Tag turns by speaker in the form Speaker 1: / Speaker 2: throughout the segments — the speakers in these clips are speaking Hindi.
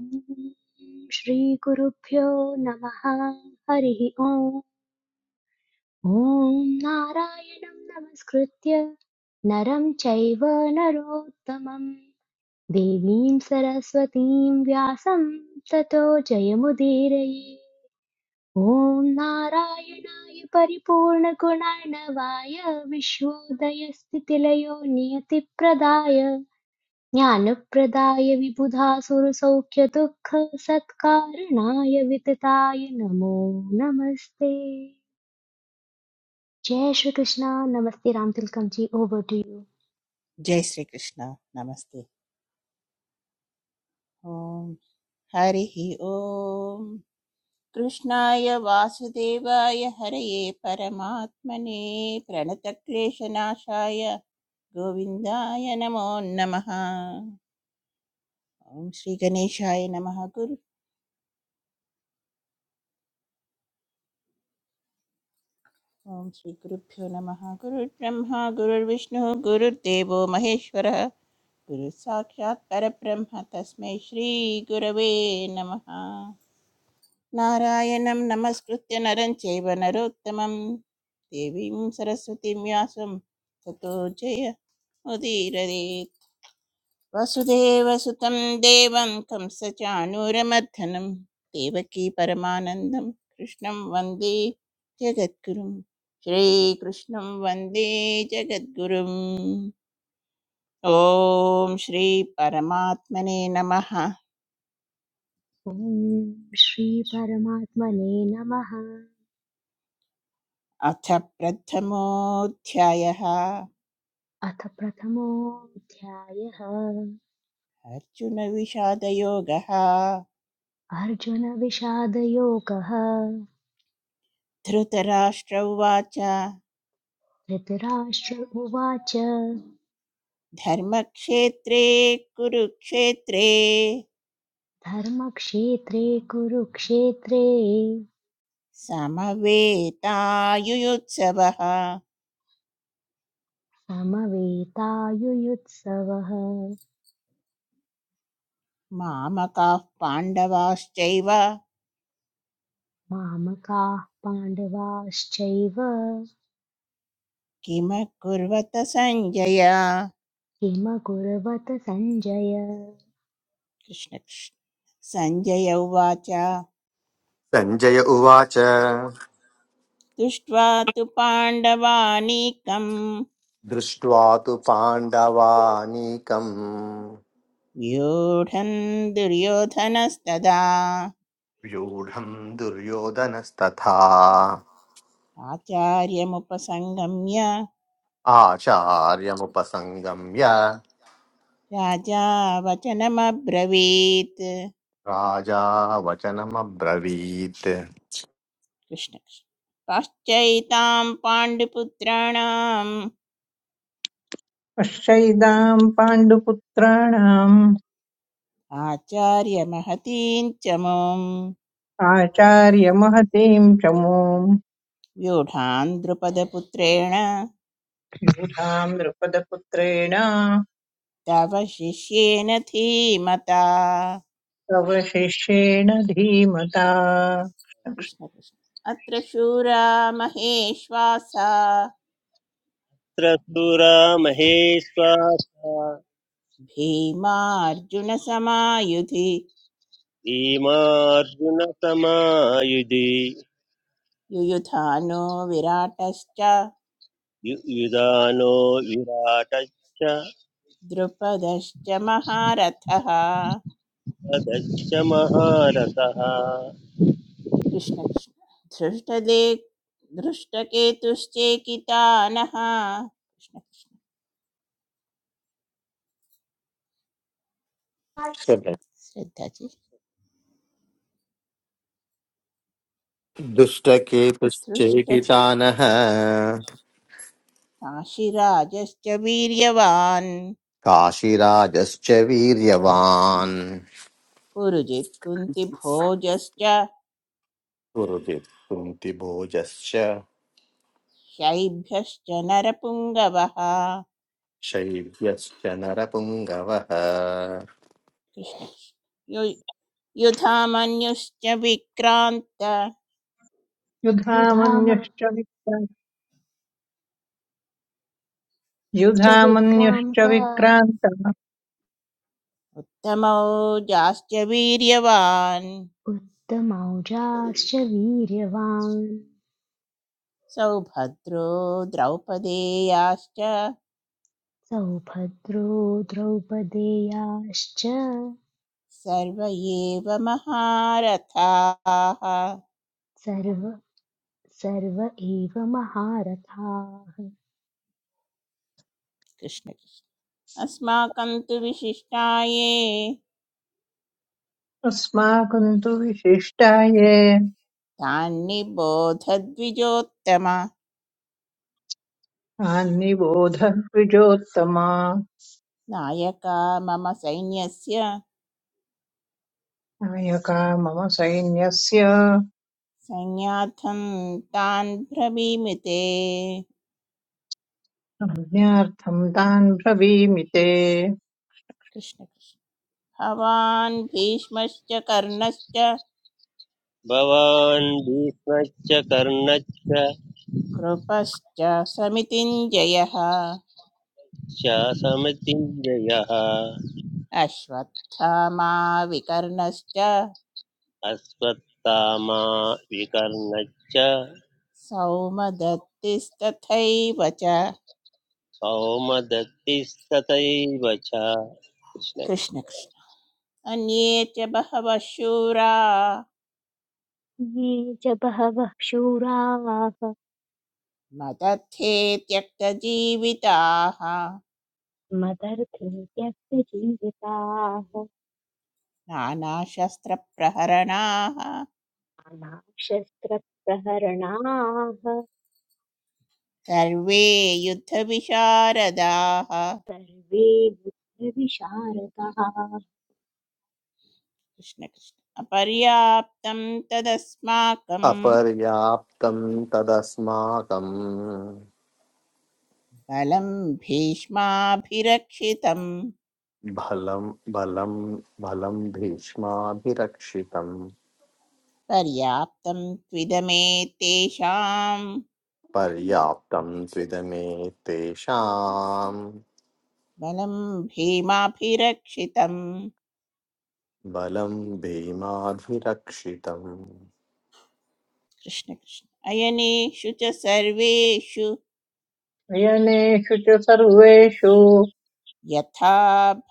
Speaker 1: ॐ श्रीगुरुभ्यो नमः हरिः ओम् ॐ नारायणं नमस्कृत्य नरं चैव नरोत्तमं देवीं सरस्वतीं व्यासं ततो जयमुदीरये ॐ नारायणाय परिपूर्णगुणर्णवाय विश्वोदयस्थितिलयो नियतिप्रदाय ज्ञानप्रदाय विबुधासुरसौख्यदुःखसत्कारणाय वितताय नमो नमस्ते जय श्री कृष्णा नमस्ते Ram Tilakam ji over to you
Speaker 2: जय श्री कृष्ण नमस्ते ओम हरि ओम कृष्णाय वासुदेवाय हरये परमात्मने प्रणतक्लेशनाशाय गोविन्दाय नमो नमः ओम श्री गणेशाय नमः गुरु ओम श्री गुरुभ्यो नमः गुरुर्ब्रह्मा गुरुर्विष्णु गुरुर्देवो महेश्वरः गुरुः साक्षात् परब्रह्म तस्मै श्री गुरवे नमः నారాయణం నమస్కృత్య నరం చైవ నరోత్తమం దేవీం సరస్వతిం వ్యాసం తతో జయ ఉదీరదేత్ వసుదేవ సుతం దేవం కంసచానూరమర్ధనం దేవకీ పరమానందం కృష్ణం వందే జగద్గురుం శ్రీకృష్ణం వందే జగద్గురుం ఓం శ్రీ పరమాత్మనే నమ
Speaker 1: ॐ श्री परमात्मने नमः
Speaker 2: అథ ప్రథమోऽధ్యాయः
Speaker 1: अथ प्रथमोऽध्यायः
Speaker 2: अर्जुनविषादयोगः
Speaker 1: अर्जुनविषादयोगः
Speaker 2: धृतराष्ट्र उवाच
Speaker 1: धृतराष्ट्र उवाच
Speaker 2: धर्मक्षेत्रे कुरुक्षेत्रे
Speaker 1: धर्मक्षेत्रे कुरुक्षेत्रे
Speaker 2: समवेतायुयुत्सवः
Speaker 1: समवेतायुयुत्सवः
Speaker 2: मामकाः पाण्डवाश्चैव
Speaker 1: मामकाः पाण्डवाश्चैव
Speaker 2: किमकुर्वत सञ्जय
Speaker 1: किमकुर्वत सञ्जय
Speaker 2: कृष्णकृष्ण सञ्जय उवाच
Speaker 3: सञ्जय उवाच
Speaker 2: दृष्ट्वा तु पाण्डवानीकम्
Speaker 3: दृष्ट्वा तु पाण्डवानीकम्
Speaker 2: व्यूढन् दुर्योधनस्तदा
Speaker 3: व्यूढम् दुर्योधनस्तथा
Speaker 2: आचार्यमुपसङ्गम्य
Speaker 3: आचार्यमुपसङ्गम्य
Speaker 2: राजा वचनमब्रवीत् कृष्ण
Speaker 3: राजा वचनमब्रवीत्
Speaker 2: कृष्ण। पाश्चैतां पाण्डुपुत्राणाम्
Speaker 4: पश्यैदाम् पाण्डुपुत्राणाम्
Speaker 2: आचार्यमहतीं च मां
Speaker 4: आचार्यमहतीम् च मूम्
Speaker 2: व्यूढान् द्रुपदपुत्रेण
Speaker 4: ताम् नृपदपुत्रेण
Speaker 2: तव शिष्येन धीमता
Speaker 4: तव शिष्येण धीमता
Speaker 2: कृष्ण कृष्ण। अत्र शूरा महेश्वासा
Speaker 5: तत्र सुरा महेश्वासा
Speaker 2: भीमार्जुनसमायुधि
Speaker 5: भीमार्जुनसमायुधि
Speaker 2: युयुधानो विराटश्च
Speaker 5: यु- युधानो विराटश्च
Speaker 2: द्रुपदश्च महारथः
Speaker 5: तदश्च महारथः
Speaker 2: कृष्णकृष्ण धृष्टदे धृष्टकेतुश्चेकितानः कृष्णकृष्ण श्रद्धाजी धृष्ट
Speaker 3: दुष्टकेतुश्चेकितानः
Speaker 2: काशीराजश्च वीर्यवान्
Speaker 3: काशिराजश्च वीर्यवान्
Speaker 2: पुरुजित् कुन्तिभोजश्च
Speaker 3: कुरुति कुन्तिभोजश्च
Speaker 2: शैभ्यश्च नरपुङ्गवः
Speaker 3: शैव्यश्च नरपुङ्गवः
Speaker 2: कृष्ण कृष्ण। यु- युधामन्युश्च विक्रान्त
Speaker 4: युधामन्युश्च
Speaker 1: युधामश्च
Speaker 4: विक्रा- युधामन्युश्च
Speaker 1: विक्रान्त
Speaker 4: विक्रान्तः
Speaker 2: उत्तमौजाश्च वीर्यवान्
Speaker 1: उत्तमौजाश्च वीर्यवान्
Speaker 2: सौभद्रो द्रौपदेयाश्च
Speaker 1: सौभद्रो द्रौपदेयाश्च
Speaker 2: सर्व एव महारथाः
Speaker 1: सर्व सर्व एव महारथाः
Speaker 2: कृष्ण कृष्ण। अस्माकं तु विशिष्टाये
Speaker 4: अस्माकम् तु विशिष्टाये
Speaker 2: तान्निबोधद्विजोत्तम
Speaker 4: आन्निबोध द्विजोत्तमा
Speaker 2: नायका मम सैन्यस्य
Speaker 4: नायका मम सैन्यस्य
Speaker 2: सैन्यार्थं तान् ब्रवीमि ते।
Speaker 4: संज्ञार्थम् तान् ब्रवीमि ते
Speaker 2: कृष्ण कृष्ण भवान् भीष्मश्च कर्णश्च
Speaker 5: भवान् भीष्मश्च कर्णश्च
Speaker 2: कृपश्च समितिञ्जयः
Speaker 5: शासमतिञ्जयः
Speaker 2: अश्वत्थामा विकर्णश्च
Speaker 5: अश्वत्थामा विकर्णश्च
Speaker 2: सौमदत्तिस्तथैव च
Speaker 5: सौमदत्तिस्तथैव च कृष्णकृष्ण
Speaker 2: कृष्णकृष्ण अन्ये च बहवः शूरा
Speaker 1: ये च बहवः शूराः
Speaker 2: मदर्थे त्यक्तजीविताः
Speaker 1: मदर्थं त्यक्तजीविताः
Speaker 2: नानाशस्त्रप्रहरणाः
Speaker 1: नानाशस्त्रप्रहरणाः
Speaker 2: सर्वे युद्धविशारदाः
Speaker 1: सर्वे वृद्धविशारदाः
Speaker 2: कृष्णकृष्ण अपर्याप्तं तदस्माकं
Speaker 3: अपर्याप्तं तदस्माकं
Speaker 2: बलं भीष्माभिरक्षितम्
Speaker 3: बलं बलं बलं भीष्माभिरक्षितं
Speaker 2: पर्याप्तं त्विदमे तेषां
Speaker 3: पर्याप्तं त्विदमे तेषां
Speaker 2: बलं भीमाभिरक्षितं
Speaker 3: बलं भीमाभिरक्षितं
Speaker 2: कृष्णकृष्ण अयनेषु च सर्वेषु
Speaker 4: अयनेषु च सर्वेषु
Speaker 2: यथा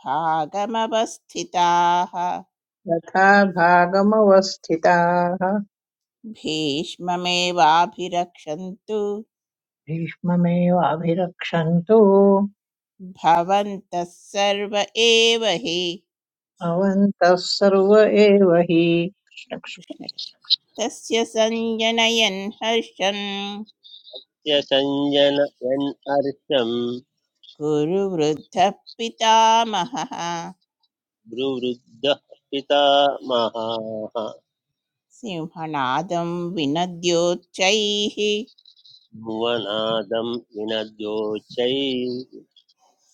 Speaker 2: भागमवस्थिताः
Speaker 4: यथा भागमवस्थिताः
Speaker 2: भीष्ममेवाभिरक्षन्तु
Speaker 4: भीष्ममेवाभिरक्षन्तु
Speaker 2: भवन्तः सर्व एव हि
Speaker 4: भवन्तः सर्व एव हि
Speaker 2: कृष्णकृष्ण तस्य सञ्जनयन् हर्षन्
Speaker 5: यसञ्जन यन् अर्षम्
Speaker 2: कुरुवृद्धः पितामहः
Speaker 5: भ्रुवृद्धः पितामहाः
Speaker 2: सिंहनादं विनद्योच्चैः
Speaker 5: भुवनादं विनद्योच्चैः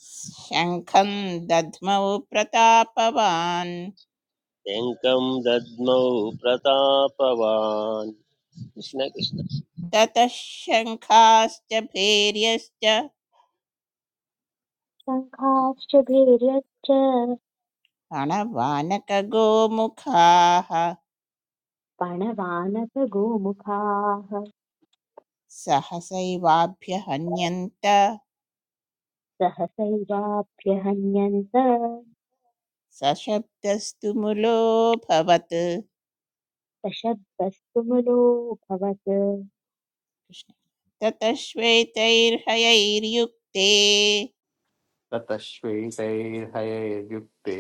Speaker 2: शङ्खं दध्मौ प्रतापवान्
Speaker 5: शङ्खं दद्मौ प्रतापवान्
Speaker 2: कृष्ण-
Speaker 5: कृष्ण कृष्ण
Speaker 2: ततः शङ्खाश्च भैर्यश्च
Speaker 1: शङ्खाश्च भैर्यश्च
Speaker 2: प्रणवानकगोमुखाः
Speaker 1: पणवानपगोमुखाः
Speaker 2: सहसैवाभ्यहन्यन्त
Speaker 1: सहसैवाभ्यहन्यन्त
Speaker 2: सशब्दस्तु मुलोऽभवत् कृष्ण।
Speaker 1: सशब्दस्तु मुलोऽभवत्
Speaker 2: ततः श्वेतैर्हयैर्युक्ते
Speaker 3: ततश्वेतैर्हयैर्युक्ते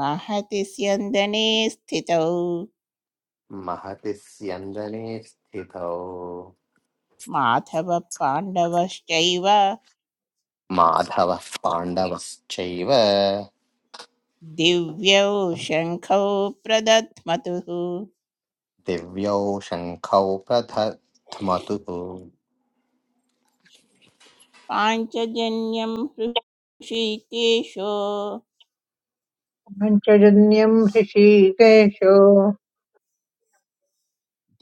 Speaker 2: महति स्यन्दने स्थितौ
Speaker 3: महति स्यन्दने स्थितौ
Speaker 2: माधवपाण्डवश्चैव
Speaker 3: माधवः पाण्डवश्चैव
Speaker 2: दिव्यौ शङ्खौ प्रदध्मतुः
Speaker 3: दिव्यौ शङ्खौ प्रथमतुः
Speaker 2: पाञ्चजन्यं हृषीकेशो
Speaker 4: पञ्चजन्यम् ऋषिकेशो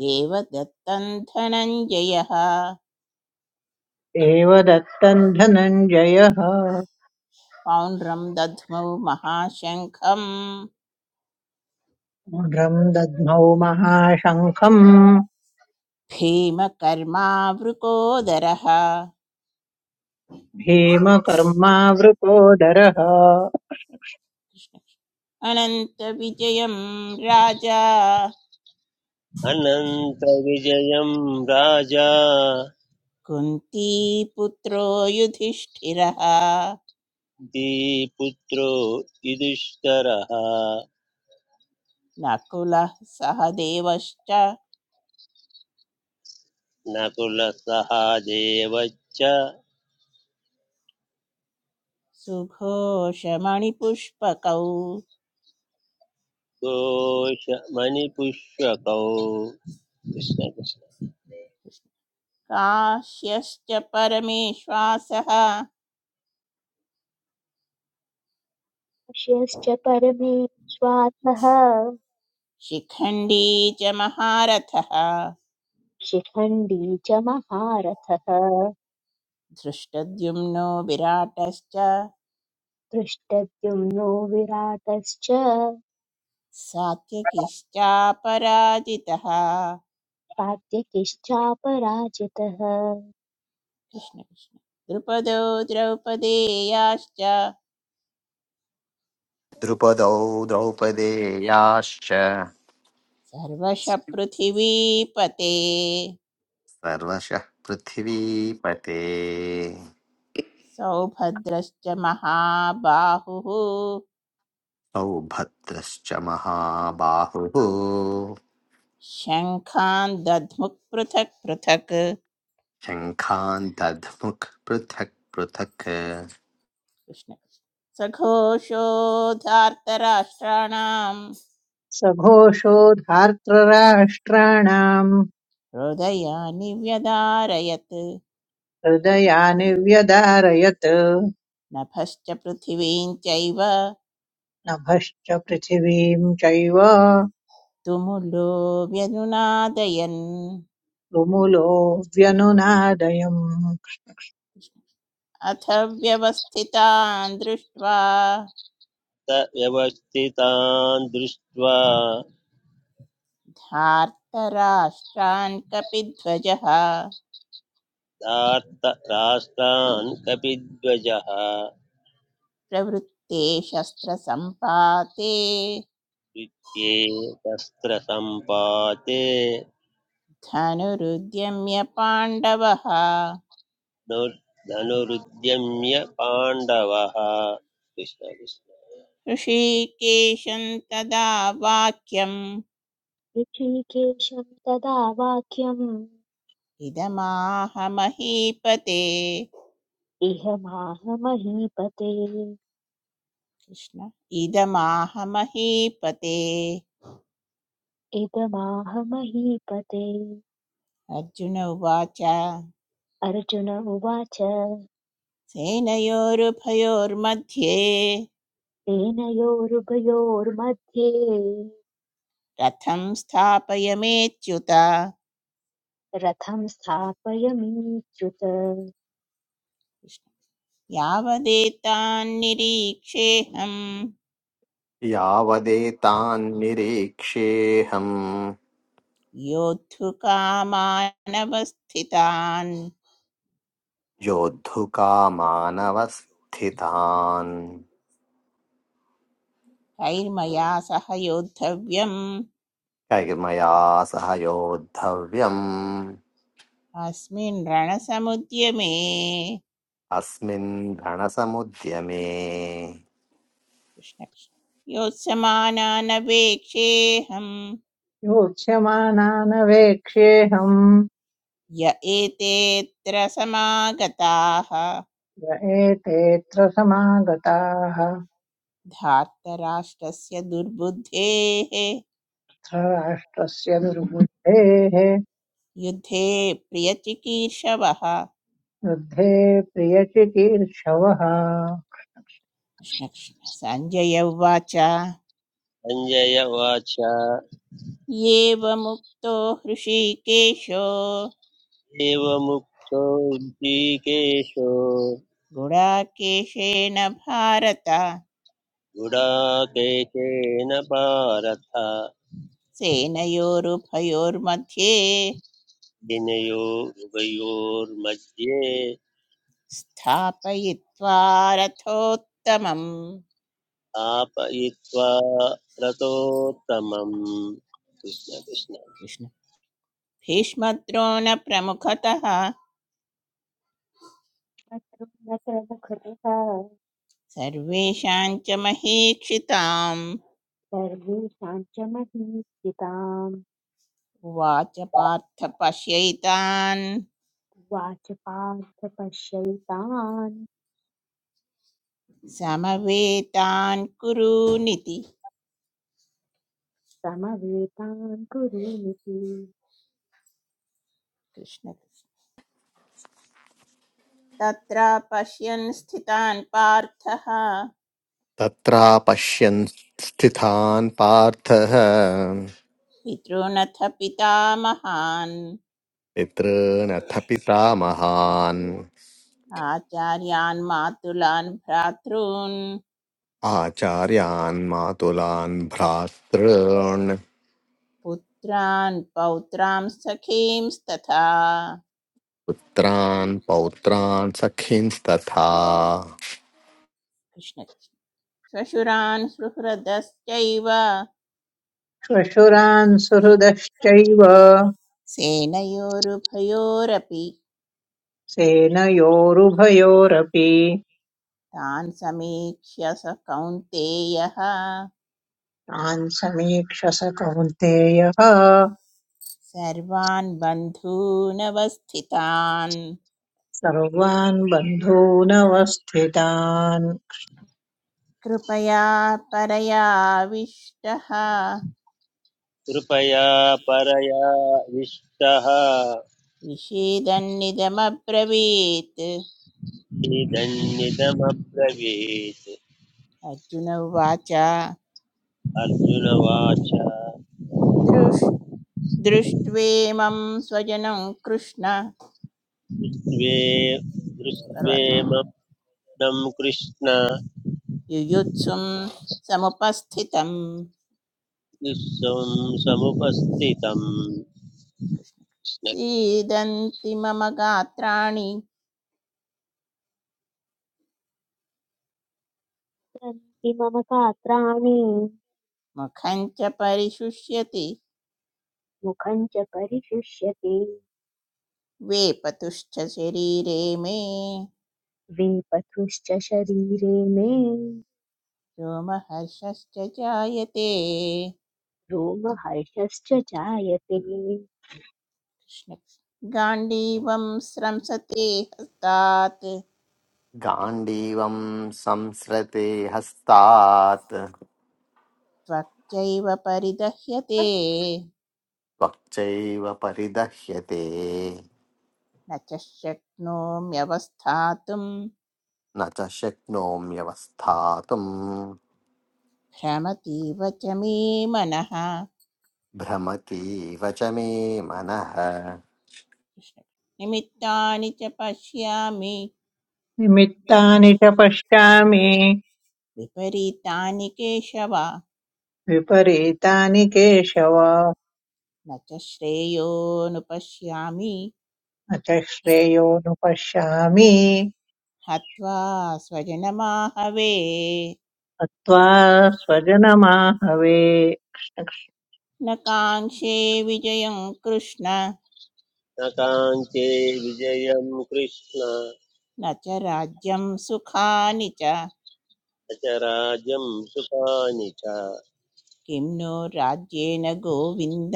Speaker 2: देवदत्तं धनञ्जयः
Speaker 4: देवदत्तम् धनञ्जयः
Speaker 2: पौण्ड्रं दध्मौ महाशङ्खं
Speaker 4: रुद्रम् दद्मौ महाशङ्खम्
Speaker 2: भीमकर्मावृकोदरः
Speaker 4: भीमकर्मावृकोदरः
Speaker 2: अनन्तविजयं राजा
Speaker 5: अनन्तविजयं राजा
Speaker 2: कुन्तीपुत्रो युधिष्ठिरः
Speaker 5: धीपुत्रो युधिष्ठरः
Speaker 2: नकुलः सहदेवश्च
Speaker 5: नकुलसः देवच्च
Speaker 2: सुघोषमणिपुष्पकौ
Speaker 5: घोषमणिपुष्यकौ कृष्ण कृष्ण
Speaker 2: काश्यश्च परमेश्वासः
Speaker 1: ऋष्यश्च परमेश्वात्मः
Speaker 2: शिखण्डी च महारथः
Speaker 1: शिखण्डी च महारथः
Speaker 2: धृष्टद्युम्नो विराटश्च
Speaker 1: दृष्टद्युम्नो विराटश्च
Speaker 2: सात्यकिश्चापराजितः
Speaker 1: सात्यकिश्चापराजितः
Speaker 2: कृष्ण कृष्ण द्रुपदो द्रौपदेयाश्च
Speaker 3: द्रुपदौ द्रौपदेयाश्च
Speaker 2: सर्वश पृथिवीपते
Speaker 3: सर्वशः पृथिवीपते
Speaker 2: सौभद्रश्च महाबाहुः
Speaker 3: सौभद्रश्च महाबाहुः
Speaker 2: शङ्खान् दध्मुक् पृथक् पृथक् कृष्ण
Speaker 3: शङ्खान् दध्मुक् पृथक् पृथक्
Speaker 2: सघोषोधार्तराष्ट्राणाम्
Speaker 4: सघोषो धार्तराष्ट्राणाम्
Speaker 2: हृदयानि व्यदारयत्
Speaker 4: हृदयानि व्यदारयत्
Speaker 2: नभश्च पृथिवीं चैव
Speaker 4: नभश्च पृथिवीं चैव
Speaker 2: तुमुलो व्यनुनादयन्
Speaker 4: रुमुलो व्यनुनादयम्
Speaker 2: अथ व्यवस्थितान् दृष्ट्वा
Speaker 5: स व्यवस्थितान् दृष्ट्वा
Speaker 2: धार्तराष्ट्रान् कपिध्वजः
Speaker 5: धार्त राष्ट्रान् कपिध्वजः
Speaker 2: प्रवृत्ते शस्त्रसम्पाते
Speaker 5: द्वितीये शस्त्रसम्पाते
Speaker 2: धनुरुद्यम्य पाण्डवः
Speaker 5: नुर्- धनुरुद्यम्य पाण्डवः कृष्ण कृष्ण
Speaker 2: ऋषिकेशं तदा वाक्यम्
Speaker 1: ऋषिकेशं तदा वाक्यम्
Speaker 2: इदमाह महीपते
Speaker 1: इह माह महीपते
Speaker 2: कृष्ण इदमाह महीपते
Speaker 1: इदमाह महीपते
Speaker 2: अर्जुन उवाच
Speaker 1: अर्जुन उवाच
Speaker 2: सेनयोरुभयोर्मध्ये
Speaker 1: तेनयोरुभयोर्मध्ये
Speaker 2: रथं स्थापयमेच्युत
Speaker 1: रथं स्थापयमीच्युत
Speaker 2: यावदेतान्निरीक्षेऽहं
Speaker 3: यावदेतान् निरीक्ष्येऽहम्
Speaker 2: योद्धुकामानवस्थितान्
Speaker 3: योद्धुकामानवस्थितान्
Speaker 2: कैर्मया सह योद्धव्यम्
Speaker 3: कैर्मया सह योद्धव्यम्
Speaker 2: अस्मिन् रणसमुद्यमे
Speaker 3: अस्मिन् रणसमुद्यमे
Speaker 2: कृष्णकृष्ण योत्समानानपेक्षेऽहम्
Speaker 4: योत्स्यमानानवेक्ष्येऽहम्
Speaker 2: य एतेऽत्र समागताः
Speaker 4: य एतेऽत्र समागताः अत्र
Speaker 2: धार्तराष्ट्रस्य दुर्बुद्धेः
Speaker 4: राष्ट्रस्य दुर्बुद्धेः
Speaker 2: युद्धे प्रियचिकीर्षवः
Speaker 4: युद्धे प्रियचिकीर्षवः
Speaker 2: कृष्णकृष्ण सञ्जय उवाच
Speaker 5: सञ्जय उवाच
Speaker 2: एवमुक्तो हृषीकेशो
Speaker 5: एवमुक्तो ऋषिकेशो
Speaker 2: गुडाकेशेन भारत
Speaker 5: गुडाकेशेन भारत
Speaker 2: सेनयोरुभयोर्मध्ये
Speaker 5: विनयो उभयोर्मध्ये
Speaker 2: स्थापयित्वा रथोत्तमम्
Speaker 5: स्थापयित्वा रथोत्तमम् कृष्ण कृष्ण
Speaker 2: कृष्ण भीष्मद्रोणप्रमुखतः
Speaker 1: शत्रुं न प्रमुखतः
Speaker 2: सर्वेषां च महीक्षिताम्
Speaker 1: सर्वेषां च महीप्सिताम्
Speaker 2: उवाच पार्थ पश्यैतान्
Speaker 1: उवाच पार्थ पश्यैतान्
Speaker 2: समवेतान् कुरूनिति
Speaker 1: समवेतान् कुरूनिति
Speaker 2: कृष्ण तत्र पश्यन् स्थितान् पार्थः
Speaker 3: तत्रापश्यन् स्थितान् पार्थः
Speaker 2: पितॄनथ पितामहान्
Speaker 3: पितॄनथ पिता महान्
Speaker 2: आचार्यान् मातुलान् भ्रातॄन्
Speaker 3: आचार्यान् मातुलान् भ्रातॄन्
Speaker 2: पुत्रान् पौत्रां सखींस्तथा
Speaker 3: पुत्रान् पौत्रान् सखींस्तथा
Speaker 2: कृष्ण कृष्ण। श्वशुरान् सुहृदश्चैव
Speaker 4: श्वशुरान् सुहृदश्चैव
Speaker 2: सेनयोरुभयोरपि
Speaker 4: सेनयोरुभयोरपि
Speaker 2: तान् समीक्ष्य स कौन्तेयः
Speaker 4: तान् समीक्ष स कौन्तेयः
Speaker 2: सर्वान् बन्धूनवस्थितान्
Speaker 4: सर्वान् बन्धूनवस्थितान्
Speaker 2: कृपया परयाविष्टः
Speaker 5: कृपया परया विष्टः
Speaker 2: विषेदन्निदमब्रवीत्
Speaker 5: इदन्निदमब्रवीत्
Speaker 2: अर्जुन उवाच
Speaker 5: अर्जुनवाच
Speaker 2: दृष् दृष्ट्वेमं स्वजनं कृष्ण
Speaker 5: दृष्ट्वे
Speaker 2: सर्वत्र
Speaker 5: दृष्ट्वेमं कृष्ण
Speaker 2: युयुत्सुं समुपस्थितं
Speaker 5: विश्वं समुपस्थितम्
Speaker 2: कृष्ण सीदन्ति मम गात्राणि
Speaker 1: सन्ति मम गात्राणि
Speaker 2: मुखं च परिशुष्यति
Speaker 1: मुखं च परिशुष्यते
Speaker 2: वेपतुश्च शरीरे मे
Speaker 1: वेपथुश्च शरीरे मे
Speaker 2: रोमहर्षश्च जायते
Speaker 1: रोमहर्षश्च जायते
Speaker 2: कृष्ण गाण्डीवं स्रंसते हस्तात्
Speaker 3: गाण्डीवं संसृते हस्तात्
Speaker 2: त्वच्चैव परिदह्यते
Speaker 3: त्वक्चैव परिदह्यते
Speaker 2: न च शक्नोम्यवस्थातुं
Speaker 3: न च शक्नोम्यवस्थातुम्
Speaker 2: भ्रमतीव च मे मनः
Speaker 3: भ्रमतीव च मे मनः
Speaker 2: कृष्ण। निमित्तानि च पश्यामि
Speaker 4: निमित्तानि च पश्यामि
Speaker 2: विपरीतानि केशव
Speaker 4: विपरीतानि केशव
Speaker 2: न च श्रेयोनुपश्यामि
Speaker 4: न च श्रेयोनुपश्यामि
Speaker 2: हत्वा स्वजनमाहवे
Speaker 4: हत्वा स्वजनमाहवे
Speaker 2: न काङ्क्षे विजयं कृष्ण
Speaker 5: स्नग्नकाञ्चे विजयं कृष्ण
Speaker 2: न च राज्यं सुखानि च
Speaker 5: अचराजं सुखानि च
Speaker 2: किं नो राज्येन गोविन्द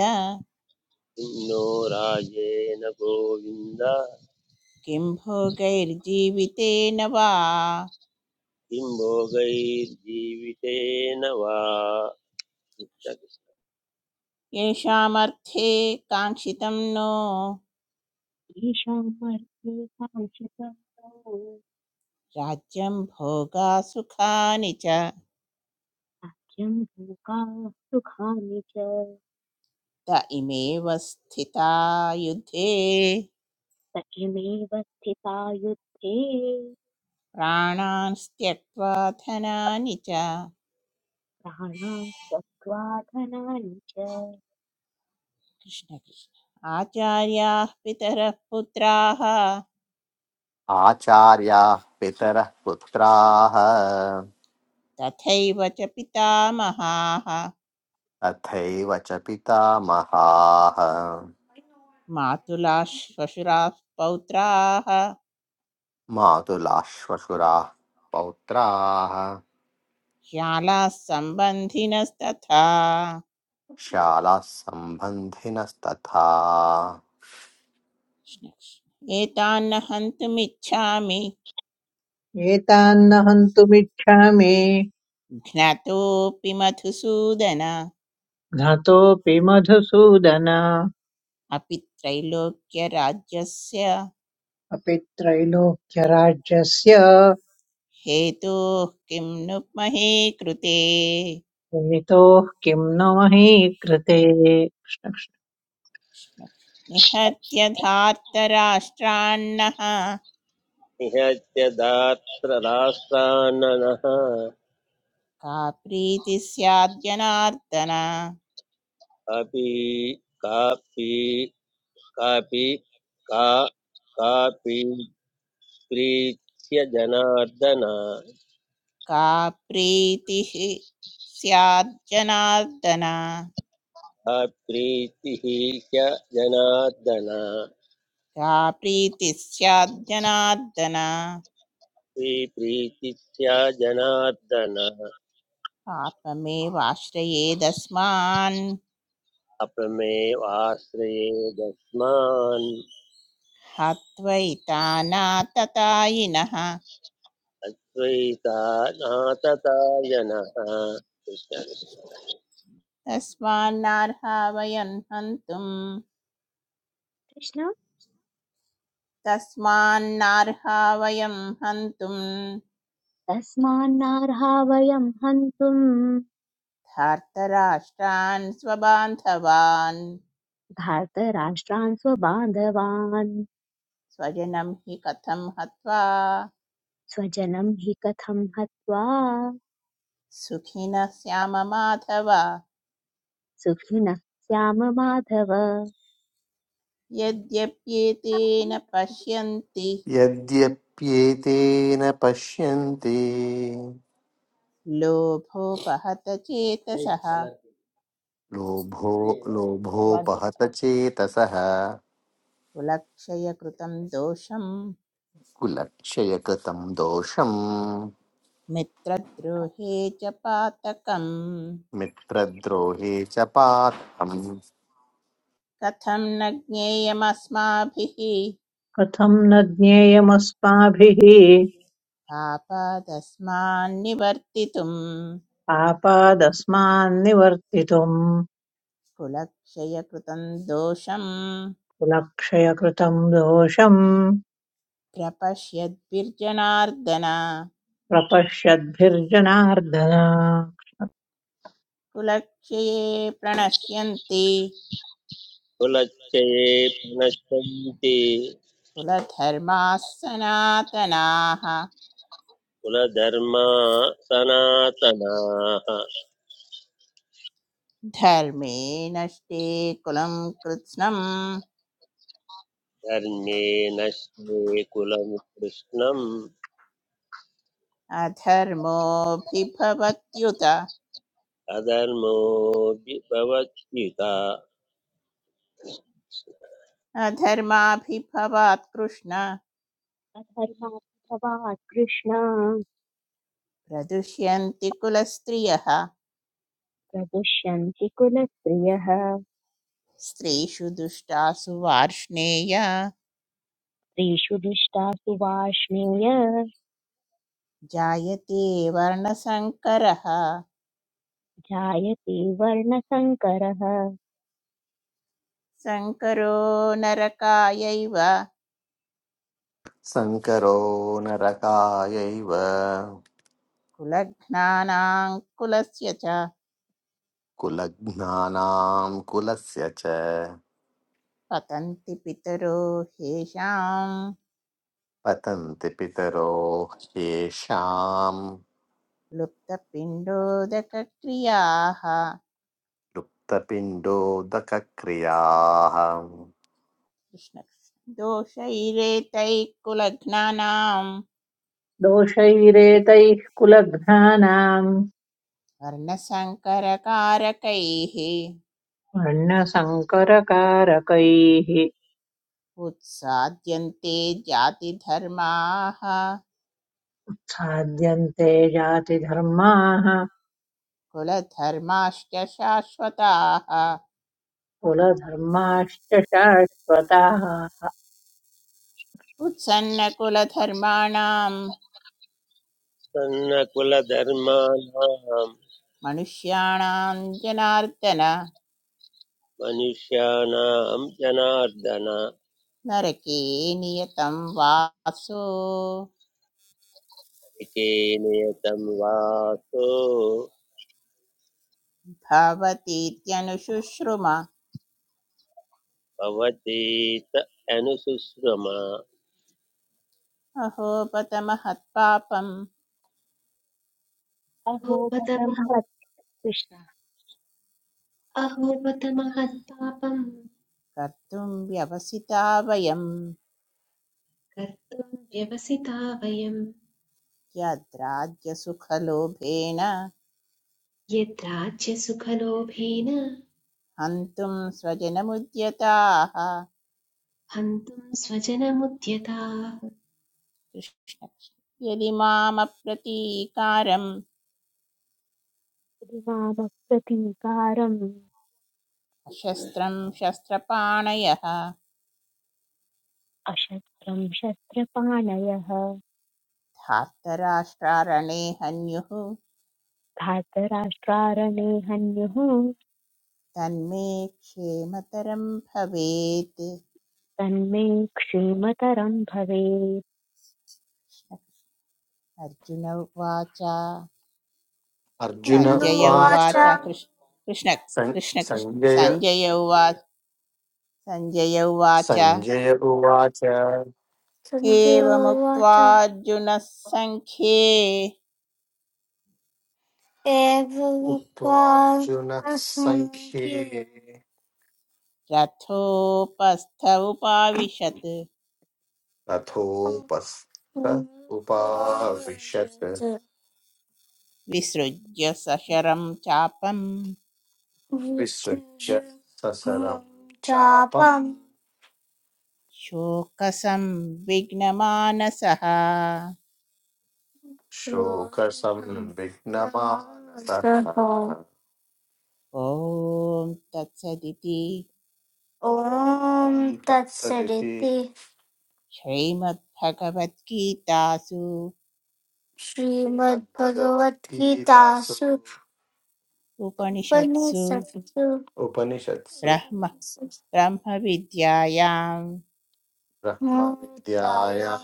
Speaker 5: किन्नो राजेन गोविन्द
Speaker 2: किं भोगैर्जीवितेन वा
Speaker 5: किं भोगैर्जीवितेन वा
Speaker 2: येषामर्थे काङ्क्षितं नो
Speaker 1: ईशामर्थे काङ्क्षिताः
Speaker 2: राज्यं भोगा सुखानि च
Speaker 1: सख्यं भूकाः सुखानि च
Speaker 2: त इमेव स्थिता युद्धे
Speaker 1: सख्यमेव स्थिता युद्धे
Speaker 2: प्राणान् त्यक्त्वा धनानि च
Speaker 1: प्राणाः त्यक्त्वा धनानि च
Speaker 2: कृष्ण कृष्ण आचार्याः पितरः पुत्राः
Speaker 3: आचार्याः पितरः पुत्राः
Speaker 2: तथैव च पितामहाः
Speaker 3: तथैव च पितामहाः
Speaker 2: मातुला श्वशुराः पौत्राः
Speaker 3: मातुलाश्वशुराः पौत्राः
Speaker 2: श्यालाः सम्बन्धिनस्तथा
Speaker 3: शालाः सम्बन्धिनस्तथा
Speaker 2: एतान्न हन्तुमिच्छामि
Speaker 4: एतान्न हन्तुमिच्छामि
Speaker 2: घ्नतोऽपि मधुसूदन
Speaker 4: घ्नतोऽपि मधुसूदन
Speaker 2: अपि त्रैलोक्यराज्यस्य
Speaker 4: अपि त्रैलोक्यराज्यस्य
Speaker 2: हेतोः किं नु महे कृते
Speaker 4: विहितोः किं न मही कृते
Speaker 2: निहत्य धार्तराष्ट्रान्नः
Speaker 5: निहत्य दात्र राष्ट्राननः
Speaker 2: का प्रीतिः स्याद्जनार्दन
Speaker 5: अपि कापि कापि का कापि प्रीत्य जनार्दन
Speaker 2: का प्रीतिः स्यात् जनार्दन
Speaker 5: का प्रीतिः ह्य जनार्दन
Speaker 2: का प्रीतिः स्यात् जनार्दन
Speaker 5: प्रीतिथ्या जनार्दन
Speaker 2: आत्ममेवाश्रयेदस्मान्
Speaker 5: अपमेवाश्रयेदस्मान्
Speaker 2: हत्वैतानाततायिनः
Speaker 5: अद्वैता नाततायनः
Speaker 2: तस्मान्नार्हा वयं हन्तुं
Speaker 1: कृष्ण
Speaker 2: तस्मान्नार्हा वयं हन्तुं
Speaker 1: तस्मान्नार्हा वयं हन्तुम्
Speaker 2: धार्तराष्ट्रान् स्वबान्धवान्
Speaker 1: धार्तराष्ट्रान् स्वबान्धवान्
Speaker 2: स्वजनं हि कथं हत्वा
Speaker 1: स्वजनं हि कथं हत्वा
Speaker 2: सुखिनः श्याममाधव
Speaker 1: सुखिनः श्याम माधव
Speaker 2: यद्यप्येतेन पश्यन्ति
Speaker 3: यद्यप्येतेन पश्यन्ति
Speaker 2: लोभोपहत चेतसः
Speaker 3: लोभो लोभोपहत
Speaker 2: सर्वाद्यस्तात्।
Speaker 3: चेतसः
Speaker 2: कुलक्षय कृतं दोषं
Speaker 3: कुलक्षयकृतम् दोषम्
Speaker 2: मित्रद्रोहे च पातकम्
Speaker 3: मित्रद्रोहे च पात्रम्
Speaker 2: कथं न ज्ञेयमस्माभिः
Speaker 4: कथं न ज्ञेयमस्माभिः
Speaker 2: पापादस्मान्निवर्तितुम्
Speaker 4: पापादस्मान्निवर्तितुम्
Speaker 2: कुलक्षय कृतं दोषं
Speaker 4: कुलक्षयकृतम् दोषम्
Speaker 2: प्रपश्यद्भिर्जनार्दन
Speaker 4: प्रपश्यद्भिर्जनार्दन
Speaker 2: कुलक्षये प्रणश्यन्ति
Speaker 5: कुलच्चये पुनश्चन्ति
Speaker 2: कुलधर्माः सनातनाः
Speaker 5: कुलधर्मा सनातनाः
Speaker 2: धर्मे नष्टे कुलं कृत्स्नम्
Speaker 5: धर्मे नश्ये कुलं कृष्णम्
Speaker 2: अधर्मोऽभिभवत्युत
Speaker 5: अधर्मोऽभिभवत्युता
Speaker 2: अधर्माभिभवात् कृष्ण
Speaker 1: अधर्मात्मवान् कृष्ण
Speaker 2: प्रदुष्यन्ति कुलस्त्रियः
Speaker 1: प्रदुष्यन्ति कुलप्रियः
Speaker 2: स्त्रीषु दुष्टासु वार्ष्णेय
Speaker 1: स्त्रीषु दिष्टासु वार्ष्णेय
Speaker 2: जायते वर्णसङ्करः
Speaker 1: जायते वर्णशङ्करः
Speaker 2: सङ्करो नरकायैव
Speaker 3: शङ्करो नरकायैव
Speaker 2: कुलघ्नानाङ्कुलस्य च
Speaker 3: कुलघ्नानां कुलस्य च
Speaker 2: पतन्ति पितरो ह्येषां
Speaker 3: पतन्ति पितरो ह्येषां
Speaker 2: लुप्तपिण्डोदकक्रियाः
Speaker 3: लुप्तपिण्डोदकक्रियाः
Speaker 2: कृष्णकृष्ण दोषैरेतैः कुलघ्नानां
Speaker 4: दोषैरेतैः कुलघ्नानाम्
Speaker 2: वर्णसङ्करकारकैः
Speaker 4: वर्णसङ्करकारकैः
Speaker 2: उत्साद्यन्ते जातिधर्माः
Speaker 4: साध्यन्ते जातिधर्माः
Speaker 2: कुलधर्माश्च शाश्वताः
Speaker 4: कुलधर्माश्च शाश्वताः
Speaker 2: उत्सन्नकुलधर्माणां
Speaker 5: सन्नकुलधर्माणां
Speaker 2: मनुष्याणां जनार्दन
Speaker 5: मनुष्याणां जनार्दन
Speaker 2: नरके नियतं वासो
Speaker 5: एकेनेतं वासो
Speaker 2: भवतीत्यनुशुश्रुमा
Speaker 5: भवतीत अनुसुश्रुमा
Speaker 2: अहोपतमहत्पापं
Speaker 1: अहो
Speaker 6: अहोपतमः
Speaker 1: पतमहत् कृष्ण
Speaker 6: अहोपतमहत्पापं
Speaker 2: कर्तुं व्यवसिता वयं
Speaker 6: कर्तुं व्यवसिता वयम्
Speaker 2: यद्राज्यसुखलोभेन
Speaker 6: यद्राज्यसुखलोभेन
Speaker 2: हन्तुं स्वजनमुद्यताः
Speaker 6: हन्तुं स्वजनमुद्यताः
Speaker 2: कृष्ण कृष्ण। यदि मामप्रतीकारं
Speaker 1: इति मामप्रतीकारम्
Speaker 2: शस्त्रं शस्त्रपाणयः
Speaker 1: अशस्त्रम् शस्त्रपाणयः
Speaker 2: धार्तराष्ट्रारणे हन्युः
Speaker 1: धातराष्ट्रारणे हन्युः
Speaker 2: तन्मे क्षेमतरं भवेत्
Speaker 1: तन्मे क्षीमतरम् भवेत्
Speaker 2: अर्जुन उवाच
Speaker 3: अर्जुन उवाच
Speaker 2: सञ्जय उवाच कृष्
Speaker 3: अर्जुनोवाच
Speaker 2: कृष्ण
Speaker 3: सं-
Speaker 2: कृष्ण कृष्ण
Speaker 3: सञ्जय
Speaker 2: सञ्जय उवाच सञ्जय उवाच
Speaker 3: सञ्जय उवाच
Speaker 2: एवमुक्त्वा
Speaker 3: सञ्जोवाच
Speaker 2: अर्जुनः सङ्ख्ये
Speaker 3: एवमुक्त्वा उक्त्वार्जुनः सङ्ख्ये
Speaker 2: रथोपस्थ उपाविशत्
Speaker 3: तथोपस्थ उपाविशत्
Speaker 2: विसृज्य सशरं चापं
Speaker 3: विसृज्य ससरं चापं चापं
Speaker 2: शोकसंविघ्नमानसः
Speaker 3: शोकसंविघ्नमानसः सः
Speaker 2: ॐ तत्सदिति
Speaker 3: ॐ तत्सदिति तत्सदिति
Speaker 2: श्रीमद्भगवद्गीतासु
Speaker 3: श्रीमद्भगवद्गीतासु
Speaker 2: उपनिषत्सु
Speaker 3: श्रीमद्भगवद्गीतासु उपनिषत्सु उपनिषत्सु
Speaker 2: ब्रह्म ब्रह्मविद्यायां
Speaker 3: विद्यायां ब्रह्मविद्यायां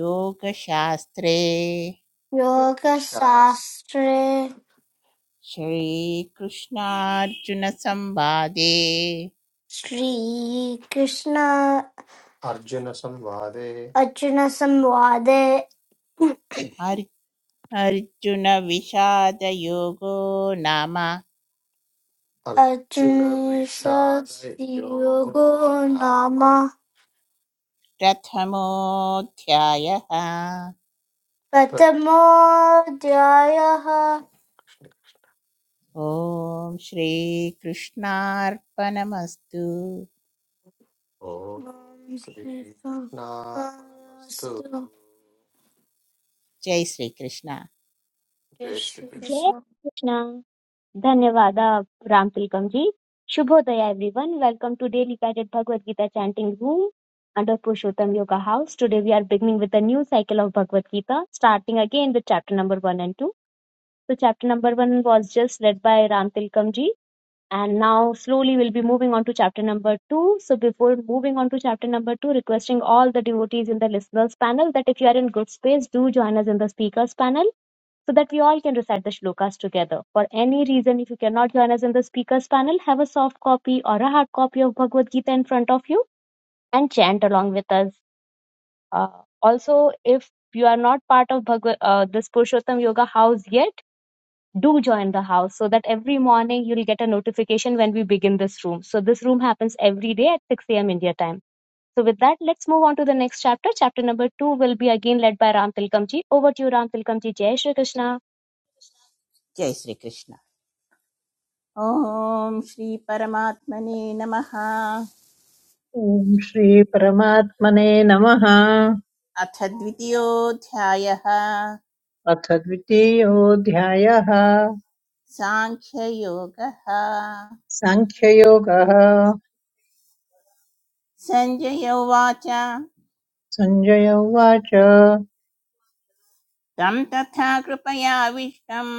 Speaker 2: योगशास्त्रे
Speaker 3: योगशास्त्रे योगशास्त्रे
Speaker 2: श्रीकृष्णार्जुनसंवादे
Speaker 3: श्रीकृष्ण अर्जुनसंवादे अर्जुनसंवादे
Speaker 2: अर्- अर्जुनविषादयोगो नाम
Speaker 3: अग्निशस्त्रियोगो नाम
Speaker 2: प्रथमोऽध्यायः
Speaker 3: प्रथमोऽध्यायः
Speaker 2: ॐ श्रीकृष्णार्पणमस्तु
Speaker 3: ॐ ॐ श्रीकृष्णास्तु श्रीकृष्णास्तु
Speaker 2: जय श्रीकृष्ण
Speaker 3: जय जय कृष्ण
Speaker 1: जय
Speaker 3: श्रीकृष्ण
Speaker 1: कृष्ण धन्यवाद uh, Ram Tilakam ji. Shubhodaya everyone. Welcome to Daily Guided Bhagavad Gita Chanting Room under Purushottam Yoga House. Today we are beginning with a new cycle of Bhagavad Gita, starting again with chapter number 1 and 2. So chapter number 1 was just led by Ram Tilakam ji and now slowly we'll be moving on to chapter number 2. So before moving on to chapter number 2, requesting all the devotees in the listeners panel that if you are in good space, do join us in the speakers panel so that we all can recite the shlokas together. For any reason, if you cannot join us in the speakers panel, have a soft copy or a hard copy of Bhagavad Gita in front of you and chant along with us. Uh, also, if you are not part of Bhagavad, uh, this Purushottam Yoga house yet, do join the house so that every morning you'll get a notification when we begin this room. So this room happens every day at 6 a.m. India time. So with that, let's move on to the next chapter. Chapter number two will be again led by Ram Tilkamji. Over to you, Ram Tilkamji. Jai Shri Krishna.
Speaker 2: जय श्रीकृष्ण ॐ श्रीपरमात्मने नमः
Speaker 4: ॐ श्रीपरमात्मने नमः
Speaker 2: अथ द्वितीयोऽध्यायः
Speaker 4: अथ द्वितीयोऽध्यायः
Speaker 2: साङ्ख्ययोगः
Speaker 4: साङ्ख्ययोगः
Speaker 2: सञ्जय उवाच
Speaker 4: सञ्जय उवाच
Speaker 2: तं तथा कृपयाविष्टम्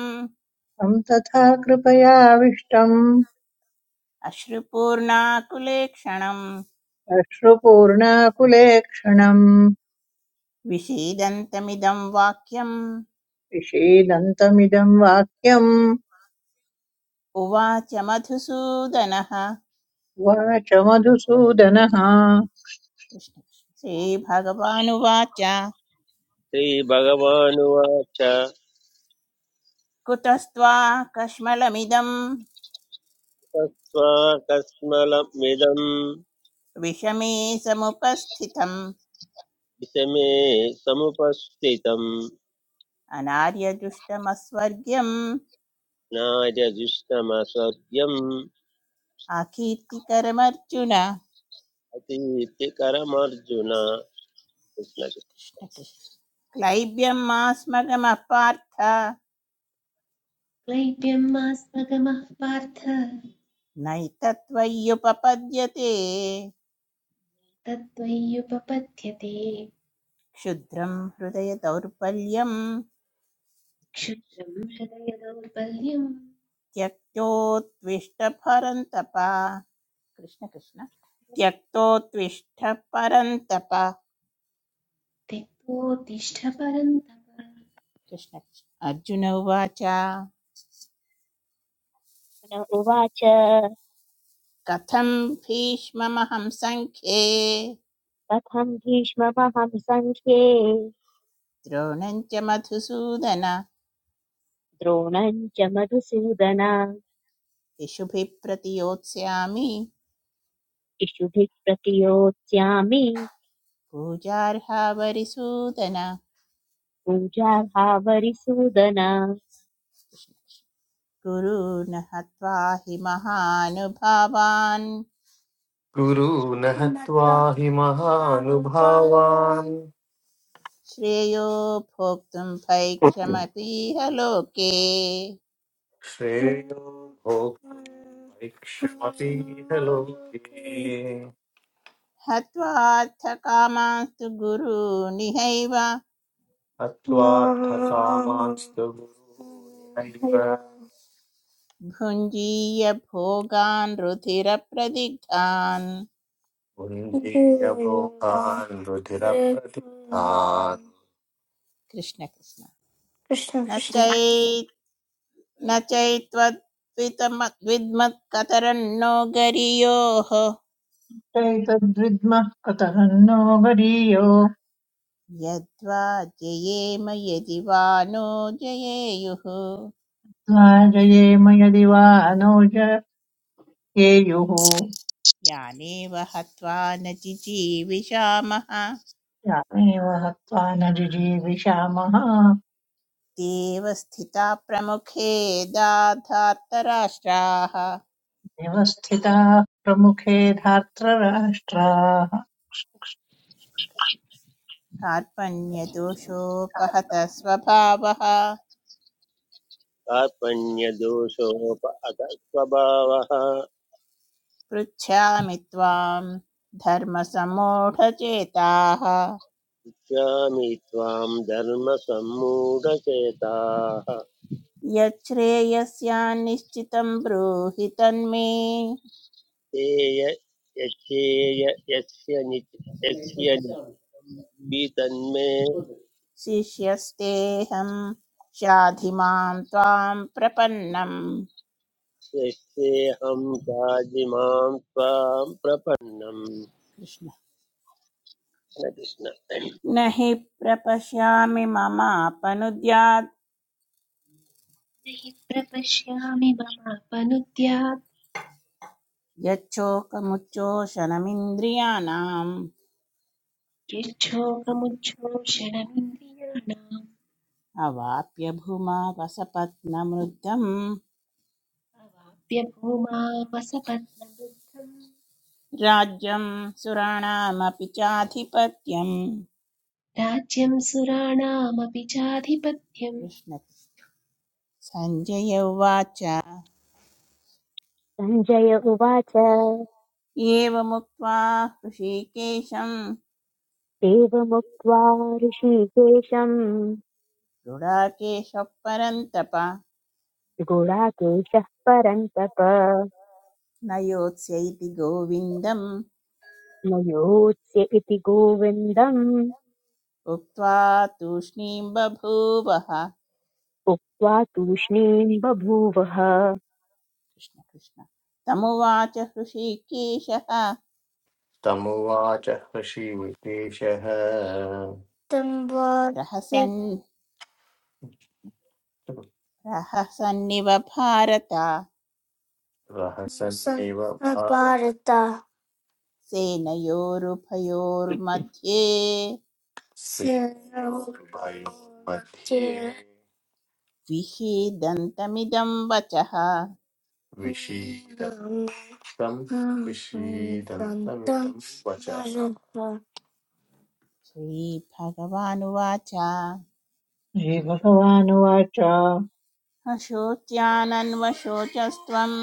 Speaker 4: तं तथा कृपयाविष्टम्
Speaker 2: अश्रुपूर्णाकुलेक्षणं
Speaker 4: अश्रुपूर्णाकुलेक्षणम्
Speaker 2: विषीदन्तमिदं वाक्यम्
Speaker 4: विषीदन्तमिदम् वाक्यम्
Speaker 2: उवाच मधुसूदनः
Speaker 4: उवाच मधुसूदनः
Speaker 2: कृष्ण- श्रीभगवानुवाच
Speaker 5: श्रीभगवानुवाच
Speaker 2: कुतस्त्वा कश्मलमिदं
Speaker 5: तस्माकस्मलमिदं
Speaker 2: विषमे समुपस्थितम्
Speaker 5: विषमे समुपस्थितं
Speaker 2: अनार्यदुष्टमस्वर्ग्यम्
Speaker 5: नार्यजुष्टमसद्यम्
Speaker 2: आकीर्तिकरमर्जुन
Speaker 5: अतीतिकरमर्जुन
Speaker 2: कृष्ण कृष्ण क्लैब्यं मास्मगमपार्थ
Speaker 6: क्लैप्यं मास्मगमः पार्थ
Speaker 2: नैतत्त्वय्युपपद्यते
Speaker 6: तत्त्वय्युपपद्यते
Speaker 2: क्षुद्रं हृदय दौर्बल्यं
Speaker 6: क्षुद्रं हृदयदौर्बल्यं
Speaker 2: त्यक्तोत्विष्ट परन्तप कृष्ण कृष्ण त्यक्तोत्विष्ट परन्तप
Speaker 6: त्यक्तोत्तिष्ठ परन्तप न
Speaker 2: कृष्ण कृष्ण अर्जुन उवाच
Speaker 1: Uvacha
Speaker 2: कथं भीष्ममहं सङ्ख्ये
Speaker 1: कथं भीष्ममहं सङ्ख्ये
Speaker 2: द्रोणं च मधुसूदन
Speaker 1: द्रोणम् च मधुसूदन
Speaker 2: इषुभिः प्रतियोत्स्यामि
Speaker 1: इषुभिः प्रतियोत्स्यामि
Speaker 2: पूजार्हावरिसूदन
Speaker 1: पूजार्हावरिसूदन
Speaker 2: गुरून् हत्वा हि महानुभावान्
Speaker 3: गुरु नहत्वा हि महानुभावान्
Speaker 2: श्रेयो भोक्तुं
Speaker 3: महानुभावान्
Speaker 2: भैक्षमपीह लोके
Speaker 3: श्रेयो भोक्तुं ऐक्ष्वापीह लोके
Speaker 2: हत्वार्थकामास्तु गुरूनिहैव
Speaker 3: अत्वार्थकामांस्तु गुरुर्नैव
Speaker 2: भुञ्जीय भोगान् रुधिरप्रदिग्धान्
Speaker 3: पुण्डीकलोकान् रुधिरप्रदितान्
Speaker 2: कृष्ण कृष्ण
Speaker 3: कृष्ण
Speaker 2: न
Speaker 3: कृष्ण
Speaker 2: चै न चैत्वद्वितम- द्विद्मत्कतरन्नो गरियोः
Speaker 4: चैतद्विद्मः कतः नो गरीयो
Speaker 2: यद्वा जयेम यदि वा नो जयेयुः
Speaker 4: लाजयेम यदि वा नोज येयुः
Speaker 2: यानेव हत्वा न जिजीविषामः
Speaker 4: यामेव हत्वा न जिजीविषामः
Speaker 2: देव स्थिता प्रमुखे दाधातराष्ट्राः
Speaker 4: व्यवस्थिताः प्रमुखे धार्तराष्ट्राः
Speaker 2: कार्पण्यदोषोपहतः स्वभावः
Speaker 5: कार्पण्यदोषोप अगस्वभावः
Speaker 2: पृच्छामि त्वां धर्मसम्मूढचेताः
Speaker 5: स्वामि त्वां धर्मसम्मूढचेताः
Speaker 2: यच्छ्रेयस्यान्निश्चितं ब्रूहि तन्मे
Speaker 5: ते य- यस्येय यस्य निच- यस्य नित्यं तन्मे
Speaker 2: शिष्यस्तेऽहं शाधि मां त्वां प्रपन्नम्
Speaker 5: यस्तेऽहं चाजिमां त्वां प्रपन्नम्
Speaker 2: कृष्ण
Speaker 5: कृष्ण
Speaker 2: न हि प्रपश्यामि ममापनुद्यात्
Speaker 6: हि प्रपश्यामि ममापनुद्यात्
Speaker 2: यच्छोकमुच्चोषणमिन्द्रियाणाम्
Speaker 6: यच्छोकमुच्छोषणमिन्द्रियाणाम्
Speaker 2: अवाप्य भूमा वसपत्नमृद्धम्
Speaker 6: अवाप्यभूमामसपत्नवृद्धम्
Speaker 2: राज्यं सुराणामपि चाधिपत्यम्
Speaker 6: राज्यं सुराणामपि चाधिपत्यम्
Speaker 2: कृष्ण सञ्जय उवाच
Speaker 1: सञ्जय उवाच
Speaker 2: एवमुक्त्वा ऋषिकेशं
Speaker 1: एवमुक्त्वा ऋषिकेशम्
Speaker 2: गुडाकेशः परन्तप
Speaker 1: गुडाकेशः परन्तप
Speaker 2: न योत्स्यैति गोविन्दम्
Speaker 1: न योत्स्य इति गोविन्दम्
Speaker 2: उक्त्वा तूष्णीं बभूवः
Speaker 1: उक्त्वा तूष्णीम् बभूवः
Speaker 2: कृष्ण कृष्ण तमुवाच हृषीकेशः
Speaker 3: तमुवाच ऋषिविकेशः तं
Speaker 2: प्रहसन्
Speaker 3: वार्तिकसन्निव
Speaker 2: प्रहसन्निव भारत
Speaker 3: रहसन्निव भारता
Speaker 2: सेनयोरुभयोर्मध्ये
Speaker 3: श्रीभयो मध्ये
Speaker 2: विषीदन्तमिदं वचः
Speaker 3: विषीदन्तम् विषीदन्तमिदं वचः
Speaker 2: श्रीभगवानुवाच
Speaker 4: श्रीभगवानुवाच
Speaker 2: अशोच्यानन्वशोचस्त्वं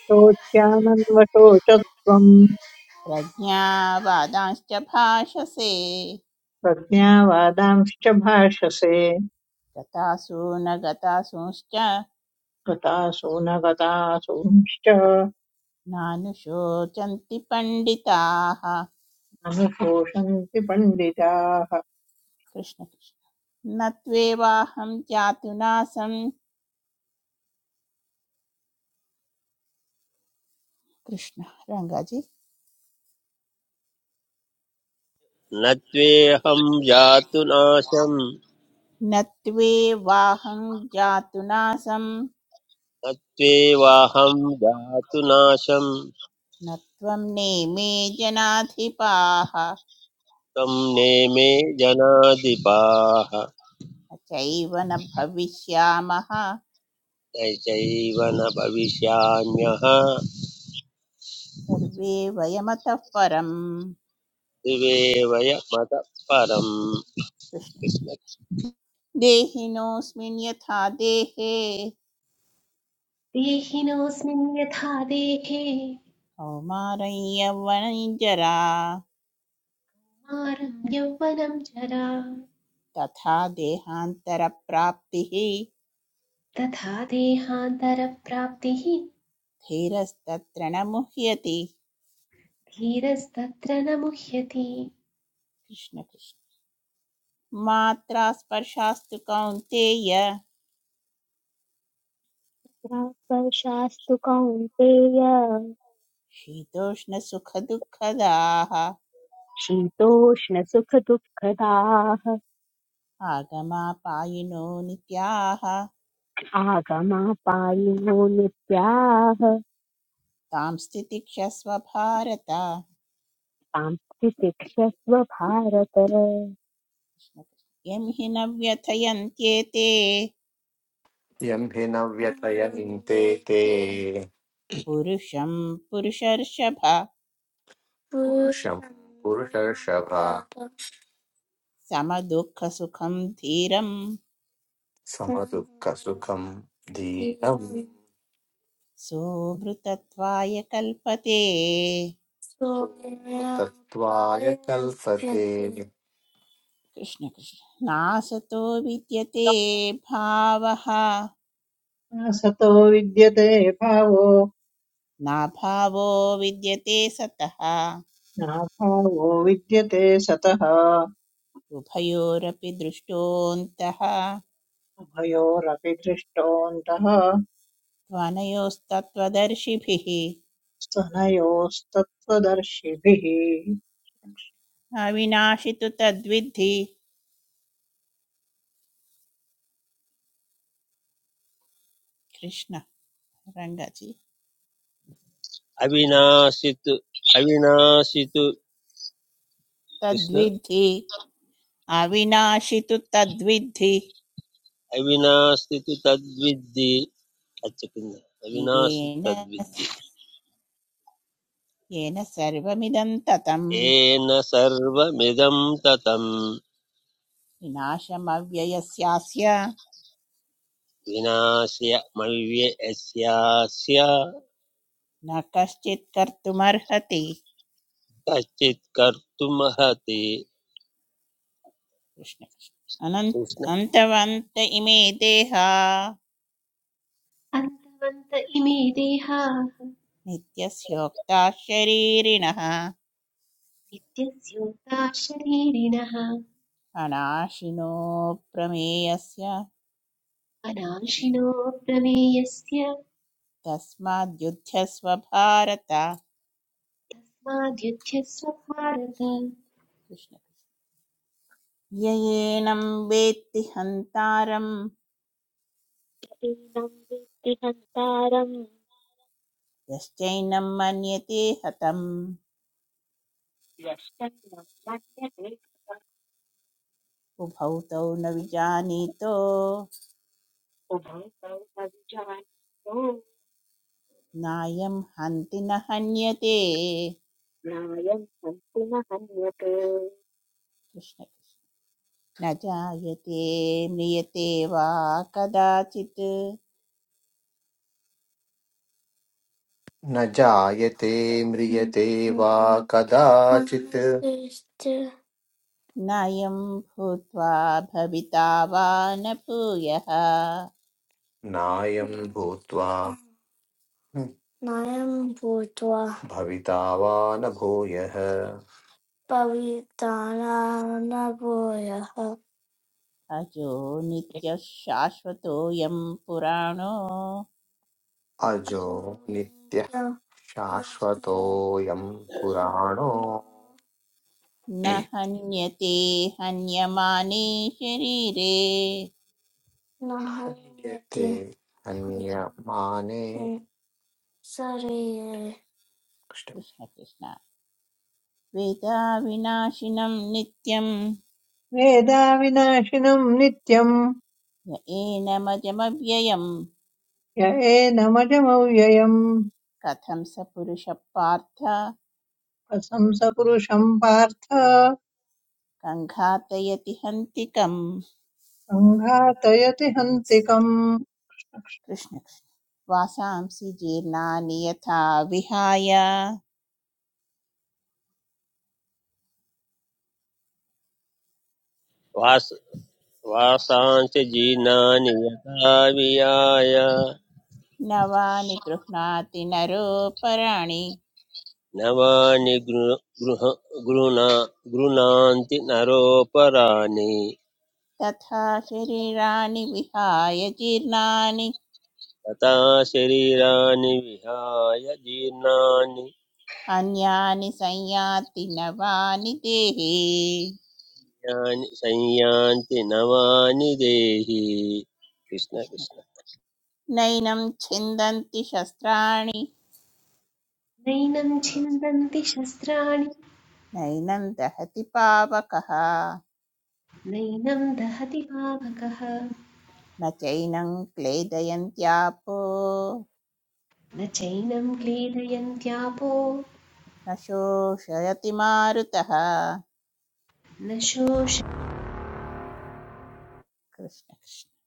Speaker 4: शोच्यानन्वशोचत्वम्
Speaker 2: प्रज्ञावादांश्च भाषसे
Speaker 4: प्रज्ञावादांश्च भाषसे
Speaker 2: गतासु न गतासूंश्च
Speaker 4: गतासूनगतासूंश्च
Speaker 2: नानुशोचन्ति पण्डिताः
Speaker 4: अनुशोषन्ति पण्डिताः
Speaker 2: कृष्ण कृष्ण न त्वेवाहं जातुनासं कृष्ण रङ्गाजी
Speaker 5: न त्वेऽहं जातु नाशं
Speaker 2: न त्वेवाहं जातुनासं
Speaker 5: न त्वेवाहं जातु नाशं
Speaker 2: न त्वं नेमे जनाधिपाः न
Speaker 5: त्वं नेमे जनाधिपाः
Speaker 2: चैव न भविष्यामः
Speaker 5: न न भविष्याम्यः
Speaker 2: सर्वे वयमतः परम्
Speaker 5: दिवेवय मतः परम्
Speaker 2: कृष्ण
Speaker 5: कृष्ण
Speaker 2: देहिनोऽस्मिन् यथा देहे
Speaker 6: देहिनोऽस्मिन् यथा देहे
Speaker 2: कौमारय्यवनञ्जरा
Speaker 6: कौमारं यौवनं जरा
Speaker 2: तथा देहान्तरप्राप्तिः
Speaker 6: तथा देहान्तरप्राप्तिः
Speaker 2: धीरस्तत्र न मुह्यति
Speaker 6: धीरस्तत्र न मुह्यति
Speaker 2: कृष्णकृष्ण मात्रा स्पर्शास्तु कौन्तेय
Speaker 1: प्राक् वर्षास्तु कौन्तेय
Speaker 2: शीतोष्णसुखदुःखदाः
Speaker 1: शीतोष्णसुखदुःखदाः
Speaker 2: आगमापायिनो नित्याः
Speaker 1: आगमापायिनो नित्याः
Speaker 2: तां स्थितिक्षस्व भारत
Speaker 1: सांस्थितिक्षस्व भारत
Speaker 2: यं हि न व्यथयन्त्येते
Speaker 3: यं हि न व्यथयन्ते ते
Speaker 2: पुरुषं पुरुषर्षभ
Speaker 3: पुरुषं पुरुषर्षभ
Speaker 2: समदुःखसुखं धीरम्
Speaker 3: समदुःखसुखं धीरं
Speaker 2: सोऽमृतत्वाय कल्पते
Speaker 3: तत्त्वाय कल्पते
Speaker 2: कृष्ण कृष्ण नासतो विद्यते भावः
Speaker 4: न सतो विद्यते भावो
Speaker 2: नाभावो विद्यते सतः
Speaker 4: नाभावो विद्यते सतः
Speaker 2: उभयोरपि दृष्टोऽन्तः
Speaker 4: उभयोरपि दृष्टोऽन्तः
Speaker 2: त्वनयोस्तत्त्वदर्शिभिः
Speaker 4: स्तनयोस्तत्त्वदर्शिभिः
Speaker 2: अविनाशि तु तद्विद्धि कृष्ण रङ्गजी
Speaker 5: अविनाशितु अविनाशितु कृष्ण
Speaker 2: तद्विद्धि अविनाशि तु तद्विद्धि
Speaker 5: अविनाशितु तद्विद्धि అచ్చకింద అవినాశి
Speaker 2: येन
Speaker 5: తద్విద్ధి
Speaker 2: येन सर्वमिदं ततम्
Speaker 5: ఏన సర్వమిదం తతం
Speaker 2: विनाशमव्ययस्यास्य
Speaker 5: వినాశ్య మల్య యస్యాస్య
Speaker 2: न कश्चित् कर्तुमर्हति
Speaker 5: కర్తుమహతి
Speaker 2: कृष्ण कृष्ण। अनन्-
Speaker 5: కృష్ణ
Speaker 2: अन्तवन्त इमे देहा
Speaker 6: अन्तवन्त इमे देहाः
Speaker 2: नित्यस्योक्ता शरीरिणः
Speaker 6: नित्यस्योक्ता शरीरिणः
Speaker 2: अनाशिनो प्रमेयस्य
Speaker 6: अनाशिनो प्रमेयस्य
Speaker 2: तस्माद्युध्यस्व भारत
Speaker 6: तस्माद्युध्यस्व भारत
Speaker 2: कृष्ण य एनं वेत्ति हन्तारं
Speaker 1: एनं वित्ति हन्तारं
Speaker 2: यश्चैनं मन्यते हतम्
Speaker 1: यष्टन्नं मन्यते
Speaker 2: उभौ तौ न विजानीतो
Speaker 1: उभौ तौ अविजानतो
Speaker 2: नायं हन्ति न हन्यते
Speaker 1: नायं हन्ति न हन्यते
Speaker 2: कृष्ण न जायते म्रियते वा कदाचित्
Speaker 3: न जायते म्रियते वा कदाचित्
Speaker 2: नयं भूत्वा भविता वा न भूयः
Speaker 3: नायं भूत्वा नायं भूत्वा भविता वा न भूयः भविता न भूयः
Speaker 2: अजो नित्यः शाश्वतोऽयं पुराणो
Speaker 3: अजो नित्यः शाश्वतोऽयं पुराणो
Speaker 2: न हन्यते हन्यमाने शरीरे
Speaker 3: नाहन्यते यते अन्यमाने शरीरे
Speaker 2: कृष्ण कृष्ण वेदाविनाशिनं नित्यं
Speaker 4: वेदाविनाशिनम् नित्यम्
Speaker 2: येनमजमव्ययम्
Speaker 4: य एनमजमौ व्ययम्
Speaker 2: कथं स पुरुषः पार्थ
Speaker 4: प्रशंसपुरुषं पार्थ
Speaker 2: कङ्घातयति हन्तिकम्
Speaker 4: सङ्घातयति हन्तिकम्
Speaker 2: कृष्ण वासांसि जीर्णानि यथा विहाय
Speaker 5: వాస వాసాంశ జీనాని యథా వియాయ
Speaker 2: नवानि गृह्णाति नरो पराणि
Speaker 5: నవాని గృ గృహ గృణ గృణాంతి నరోపరాణి
Speaker 2: तथा शरीराणि विहाय जीर्णानि
Speaker 5: तथा शरीराणि विहाय जीर्णानि
Speaker 2: अन्यानि संयाति नवानि देहे
Speaker 5: यानि संयान्ति नवानि देहि कृष्ण
Speaker 2: कृष्ण
Speaker 5: कृष्ण
Speaker 2: नैनं छिन्दन्ति शस्त्राणि
Speaker 6: नैनं छिन्दन्ति शस्त्राणि
Speaker 2: नैनं दहति पावकः
Speaker 6: नैनं दहति पावकः
Speaker 2: न चैनं क्लेदयन्त्यापो
Speaker 6: न चैनं क्लेदयन्त्यापो
Speaker 2: न शोषयति मारुतः
Speaker 6: न
Speaker 2: कृष्ण कृष्ण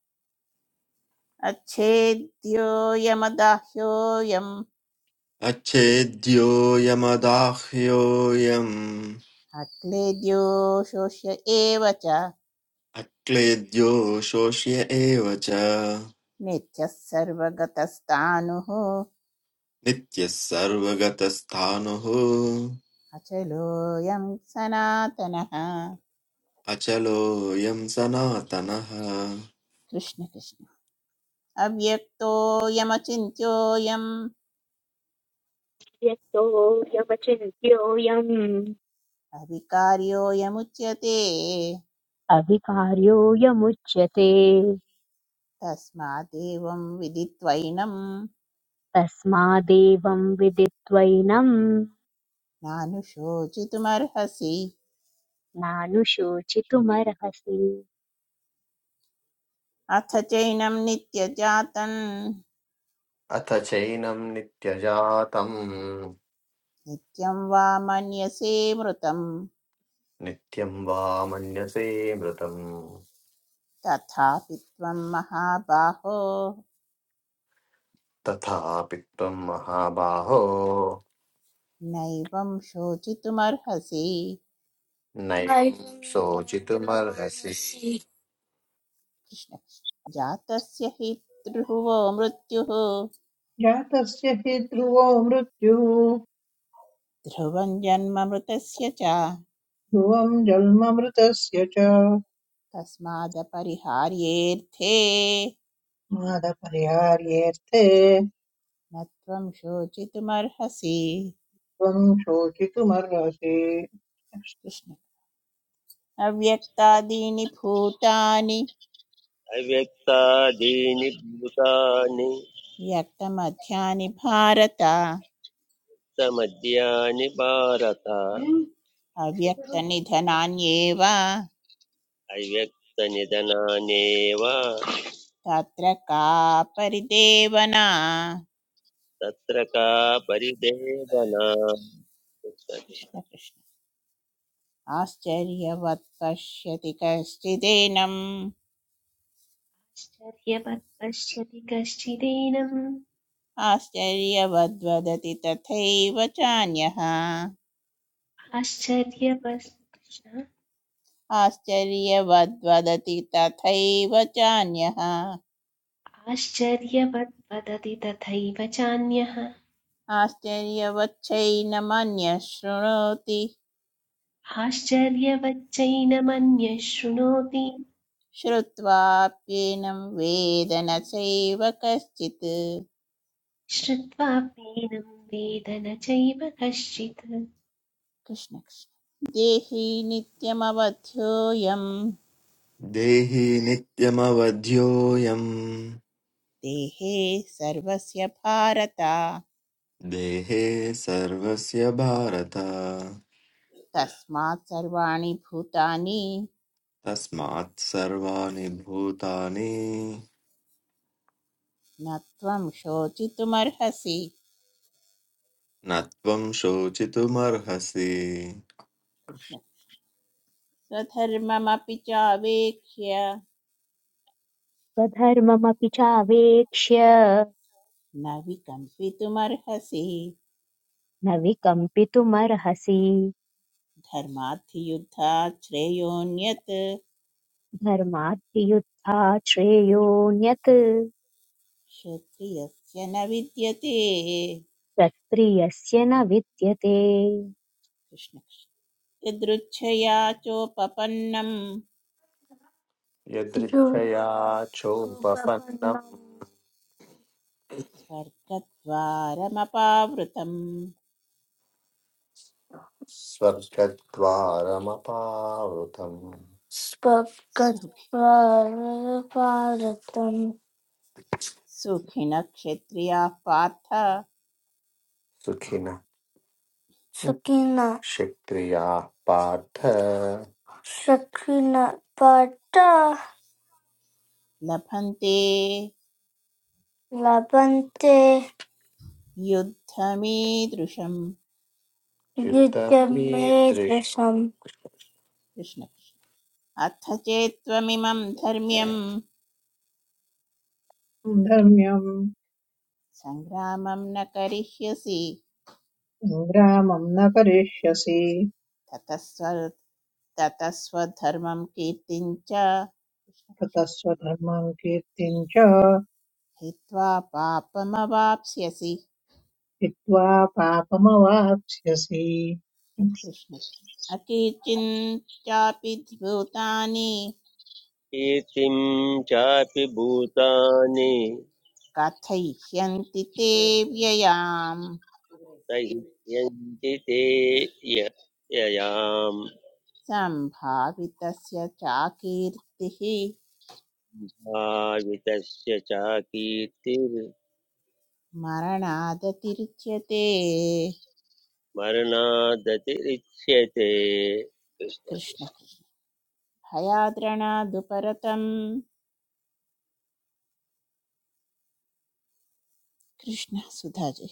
Speaker 2: अच्छेद्योऽयमदाह्योऽयं
Speaker 7: अच्छेद्योऽयमदाह्योऽयम्
Speaker 2: अक्लेद्यो शोष्य एव च
Speaker 7: अक्लेद्यो शोष्य एव च
Speaker 2: नित्यः सर्वगतस्तानुः
Speaker 7: नित्यः सर्वगतस्थाणुः
Speaker 2: अचलोऽयं सनातनः
Speaker 7: अचलोऽयं सनातनः
Speaker 2: कृष्ण कृष्ण अव्यक्तोऽयमचिन्त्योऽयम्
Speaker 1: यतोऽयमचिन्त्योऽयम्
Speaker 2: अविकार्योऽयमुच्यते
Speaker 1: अविकार्योऽयमुच्यते
Speaker 2: तस्मादेवं विदित्वैनं
Speaker 1: तस्मादेवं विदित्वैनम्
Speaker 2: नानुशोचितुमर्हसि
Speaker 1: नानुशोचितुमर्हसि
Speaker 2: अथ चैनं नित्यजातं
Speaker 3: अथ चैनं नित्यजातं
Speaker 2: नित्यं वा मन्यसे मृतं
Speaker 3: नित्यं वा मन्यसे मृतम्
Speaker 2: तथापि त्वं महाबाहो
Speaker 3: तथापि त्वं महाबाहो
Speaker 2: नैवं शोचितुमर्हसि
Speaker 3: नैनं शोचितुमर्हसि वयमर्हसि
Speaker 2: कृष्ण कृष्ण। जातस्य हि ध्रुवो मृत्युः
Speaker 4: जातस्य हि ध्रुवो मृत्युः
Speaker 2: ध्रुवं जन्म मृतस्य च
Speaker 4: ध्रुवम् जन्ममृतस्य च
Speaker 2: तस्मादपरिहार्येऽर्थे
Speaker 4: मादपर्यार्येऽर्थे
Speaker 2: न त्वं शोचितुमर्हसि
Speaker 4: त्वम् शोचितुमर्हसि
Speaker 2: कृष्ण अव्यक्तादीनि भूतानि
Speaker 5: अव्यक्तादीनि भूतानि
Speaker 2: व्यक्तमध्यानि भारत
Speaker 5: समद्यानि भारत
Speaker 2: अव्यक्तनिधनान्येव
Speaker 5: अव्यक्तनिधनानेव
Speaker 2: तत्र का परिदेवना
Speaker 5: तत्र का परिदेवना
Speaker 2: कृष्ण कृष्ण आश्चर्यवत् पश्यति कश्चिदेनम्
Speaker 6: शोषश्चर्यपत् पश्यति कश्चिदेनम्
Speaker 2: आश्चर्यवद्वदति तथैव चान्यः
Speaker 6: आश्चर्यपत् कृष्ण
Speaker 2: आश्चर्यवद्वदति तथैव चान्यः
Speaker 6: आश्चर्यवत् वदति तथैव चान्यः
Speaker 2: आश्चर्यवच्चैनमन्यः शृणोति
Speaker 6: आश्चर्यवच्चैनमन्यः शृणोति
Speaker 2: श्रुत्वाप्येनं वेद न चैव कश्चित्
Speaker 6: श्रुत्वाप्येनं वेद न चैव कश्चित्
Speaker 2: कृष्णकृष्ण देहि नित्यमवध्योऽयं
Speaker 7: देहि नित्यमवध्योऽयम्
Speaker 2: देहे सर्वस्य भारत
Speaker 7: देहे सर्वस्य भारत
Speaker 2: तस्मात् सर्वाणि भूतानि
Speaker 7: तस्मात् सर्वाणि भूतानि
Speaker 2: न त्वं शोचितुमर्हसि
Speaker 7: न त्वं शोचितुमर्हसि
Speaker 2: कृष्ण कृष्ण। स्वधर्ममपि चावेक्ष्य
Speaker 1: स्वधर्ममपि चावेक्ष्य
Speaker 2: न विकम्पितुमर्हसि
Speaker 1: न विकम्पितुमर्हसि
Speaker 2: धर्माद्धियुद्धात् श्रेयोऽन्यत्
Speaker 1: धर्माद्धियुत्थात् श्रेयोऽन्यत्
Speaker 2: क्षत्रियस्य न विद्यते
Speaker 1: तत्प्रियस्य न विद्यते
Speaker 2: कृष्ण यदृच्छया चोपपन्नम्
Speaker 3: यदृच्छया चोपपन्नं
Speaker 2: स्वर्गद्वारमपावृतम्
Speaker 3: स्वर्गद्वारमपावृतम्
Speaker 2: सुखि
Speaker 3: स्वगत्वारपारतम्
Speaker 2: सुखिनः क्षत्रियाः पार्थ
Speaker 3: सुखिनः सुखिन शिक्रिया पार्थ सुखिन पाठ
Speaker 2: लभन्ते
Speaker 3: लभन्ते
Speaker 2: युद्धमीदृशम्
Speaker 3: युद्धमे युद्धमेतृषम्
Speaker 2: कृष्ण कृष्ण। अथ चेत्त्वमिमं धर्म्यं
Speaker 4: धर्म्यम्
Speaker 2: सङ्ग्रामं न करिष्यसि
Speaker 4: सङ्ग्रामम् न करिष्यसि
Speaker 2: ततस्व ततस्वधर्मं कीर्तिं च
Speaker 4: ततः स्वधर्मम् कीर्तिम् च
Speaker 2: हित्वा पापमवाप्स्यसि
Speaker 4: हित्वा पापमवाप्स्यसि
Speaker 2: कृष्ण अकिचिन्त्यापि भूतानि
Speaker 5: कीर्तिं चापि भूतानि
Speaker 2: कथयिष्यन्ति ते व्ययाम्
Speaker 5: सह्यन्ति ते ययाम्
Speaker 2: सम्भावितस्य चाकीर्तिः
Speaker 5: भावितस्य च कीर्तिर्
Speaker 2: मरणादतिरिच्यते
Speaker 5: मरणादतिरिच्यते
Speaker 2: कृष्ण कृष्ण भयाद्रणादुपरतम् कृष्ण सुधाजे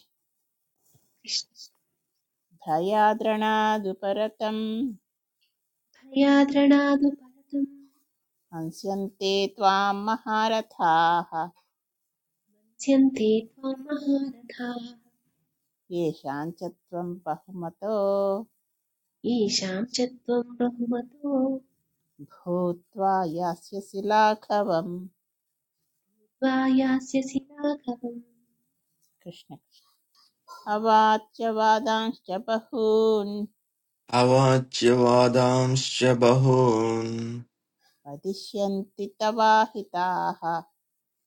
Speaker 6: कृष्णभयाद्रणादु
Speaker 2: भयाद्रणादुपरतम्
Speaker 6: परतुम्
Speaker 2: हंस्यन्ते त्वां महारथाः
Speaker 6: उच्यन्ते त्वां महारथाः
Speaker 2: येषां च त्वं बहुमतो
Speaker 6: येषां च त्वं बहुमतो
Speaker 2: भूत्वा यास्यसि लाघवम्
Speaker 6: वायास्यसि राघवम्
Speaker 2: कृष्ण अवाच्य वादांश्च बहून्
Speaker 7: अवाच्य वादांश्च बहून्
Speaker 2: वदिष्यन्ति तवाहिताः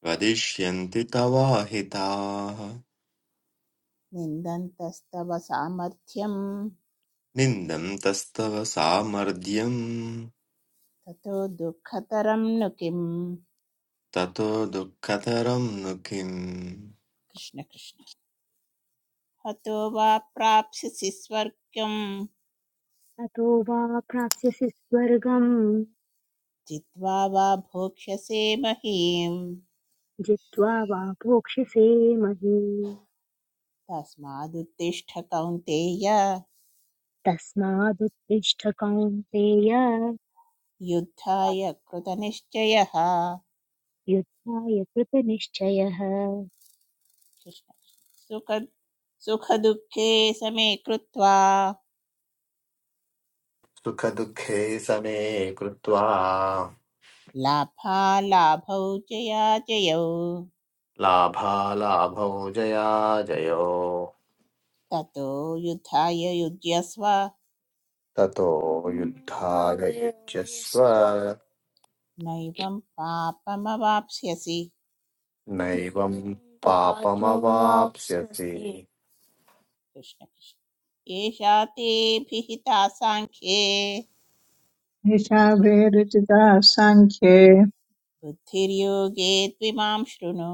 Speaker 7: वदिष्यन्ति तवाहिताः
Speaker 2: निन्दन्तस्तव सामर्थ्यं
Speaker 7: निन्दन्तस्तव सामर्थ्यम्
Speaker 2: ततो दुःखतरं नु किम्
Speaker 7: ततो दुःखतरं नु किम्
Speaker 2: कृष्ण कृष्ण हतो वा प्राप्स्यसि स्वर्गम्
Speaker 1: ततो वा प्राप्स्यसि स्वर्गम्
Speaker 2: जित्वा वा भोक्ष्यसे महीम्
Speaker 1: जित्वा वा भोक्ष्यसे महीम्
Speaker 2: तस्मादुत्तिष्ठ कौन्तेय
Speaker 1: तस्मादुत्तिष्ठ कौन्तेय
Speaker 2: युद्धाय कृतनिश्चयः
Speaker 1: युद्धाय कृतनिश्चयः
Speaker 2: कृष्ण सुख सुखदुःखे समे कृत्वा
Speaker 3: सुख दुखे समे कृत्वा
Speaker 2: लाभालाभौ जयाजयौ
Speaker 3: लाभालाभौ जया जयो
Speaker 2: ततो युद्धाय युज्यस्व
Speaker 3: ततो युद्धाय युज्यस्व
Speaker 2: नैवं पापमवाप्स्यसि
Speaker 3: नैवं पापमवाप्स्यसि
Speaker 2: कृष्ण कृष्ण एषा ते भिहिता साङ्ख्ये
Speaker 4: येषा भेदचिता साङ्ख्ये
Speaker 2: बुद्धिर्योगे त्विमां शृणु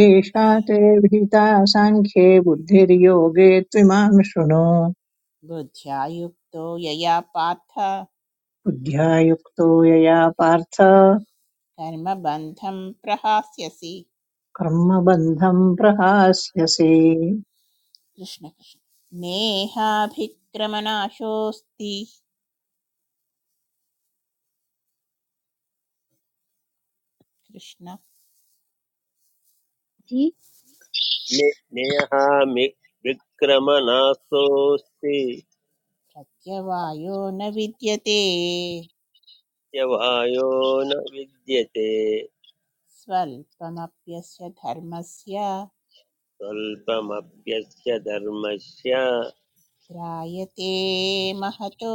Speaker 4: येषा ते विहिता साङ्ख्ये बुद्धिर्योगे त्विमां शृणु
Speaker 2: बुद्ध्या युक्तो यया पार्थ
Speaker 4: बुद्ध्या युक्तो यया पार्थ
Speaker 2: कर्मबन्धं प्रहास्यसि
Speaker 4: कर्मबन्धं प्रहास्यसि
Speaker 2: कृष्ण कृष्ण नेहाभिक्रमनाशोऽस्ति कृष्ण
Speaker 1: जी
Speaker 5: ने- नेहामि विक्रमणास्तोऽस्ति
Speaker 2: प्रत्यवायो न विद्यते
Speaker 5: यवायो न विद्यते
Speaker 2: स्वल्पमप्यस्य धर्मस्य
Speaker 5: स्वल्पमप्यस्य धर्मस्य
Speaker 2: त्रायते महतो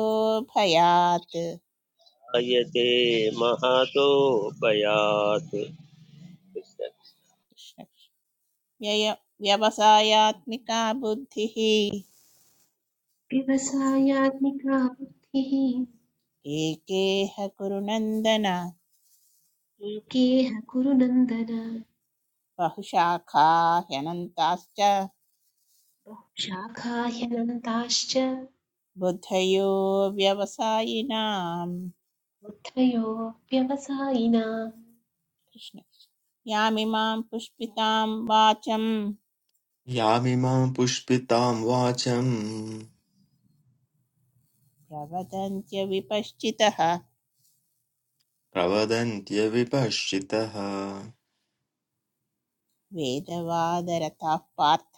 Speaker 2: भयात्
Speaker 5: आयते महातो भयात्
Speaker 2: कृष्ण व्यय व्यवसायात्मिका बुद्धिः
Speaker 6: व्यवसायात्मिका बुद्धिः
Speaker 2: एकेह कुरुनन्दन
Speaker 6: एकेह कुरु नन्दन
Speaker 2: बहुशाखा ह्यनन्ताश्च
Speaker 6: बहुशाखाह्यनन्ताश्च
Speaker 2: बुद्धयो व्यवसायिनाम्
Speaker 6: बुद्धयो व्यवसायिना
Speaker 2: कृष्ण यामिमां पुष्पितां वाचं
Speaker 7: यामिमां पुष्पितां वाचम्
Speaker 2: प्रवदन्त्य विपश्चितः
Speaker 7: प्रवदन्त्यविपश्चितः
Speaker 2: वेदवादरताः पार्थ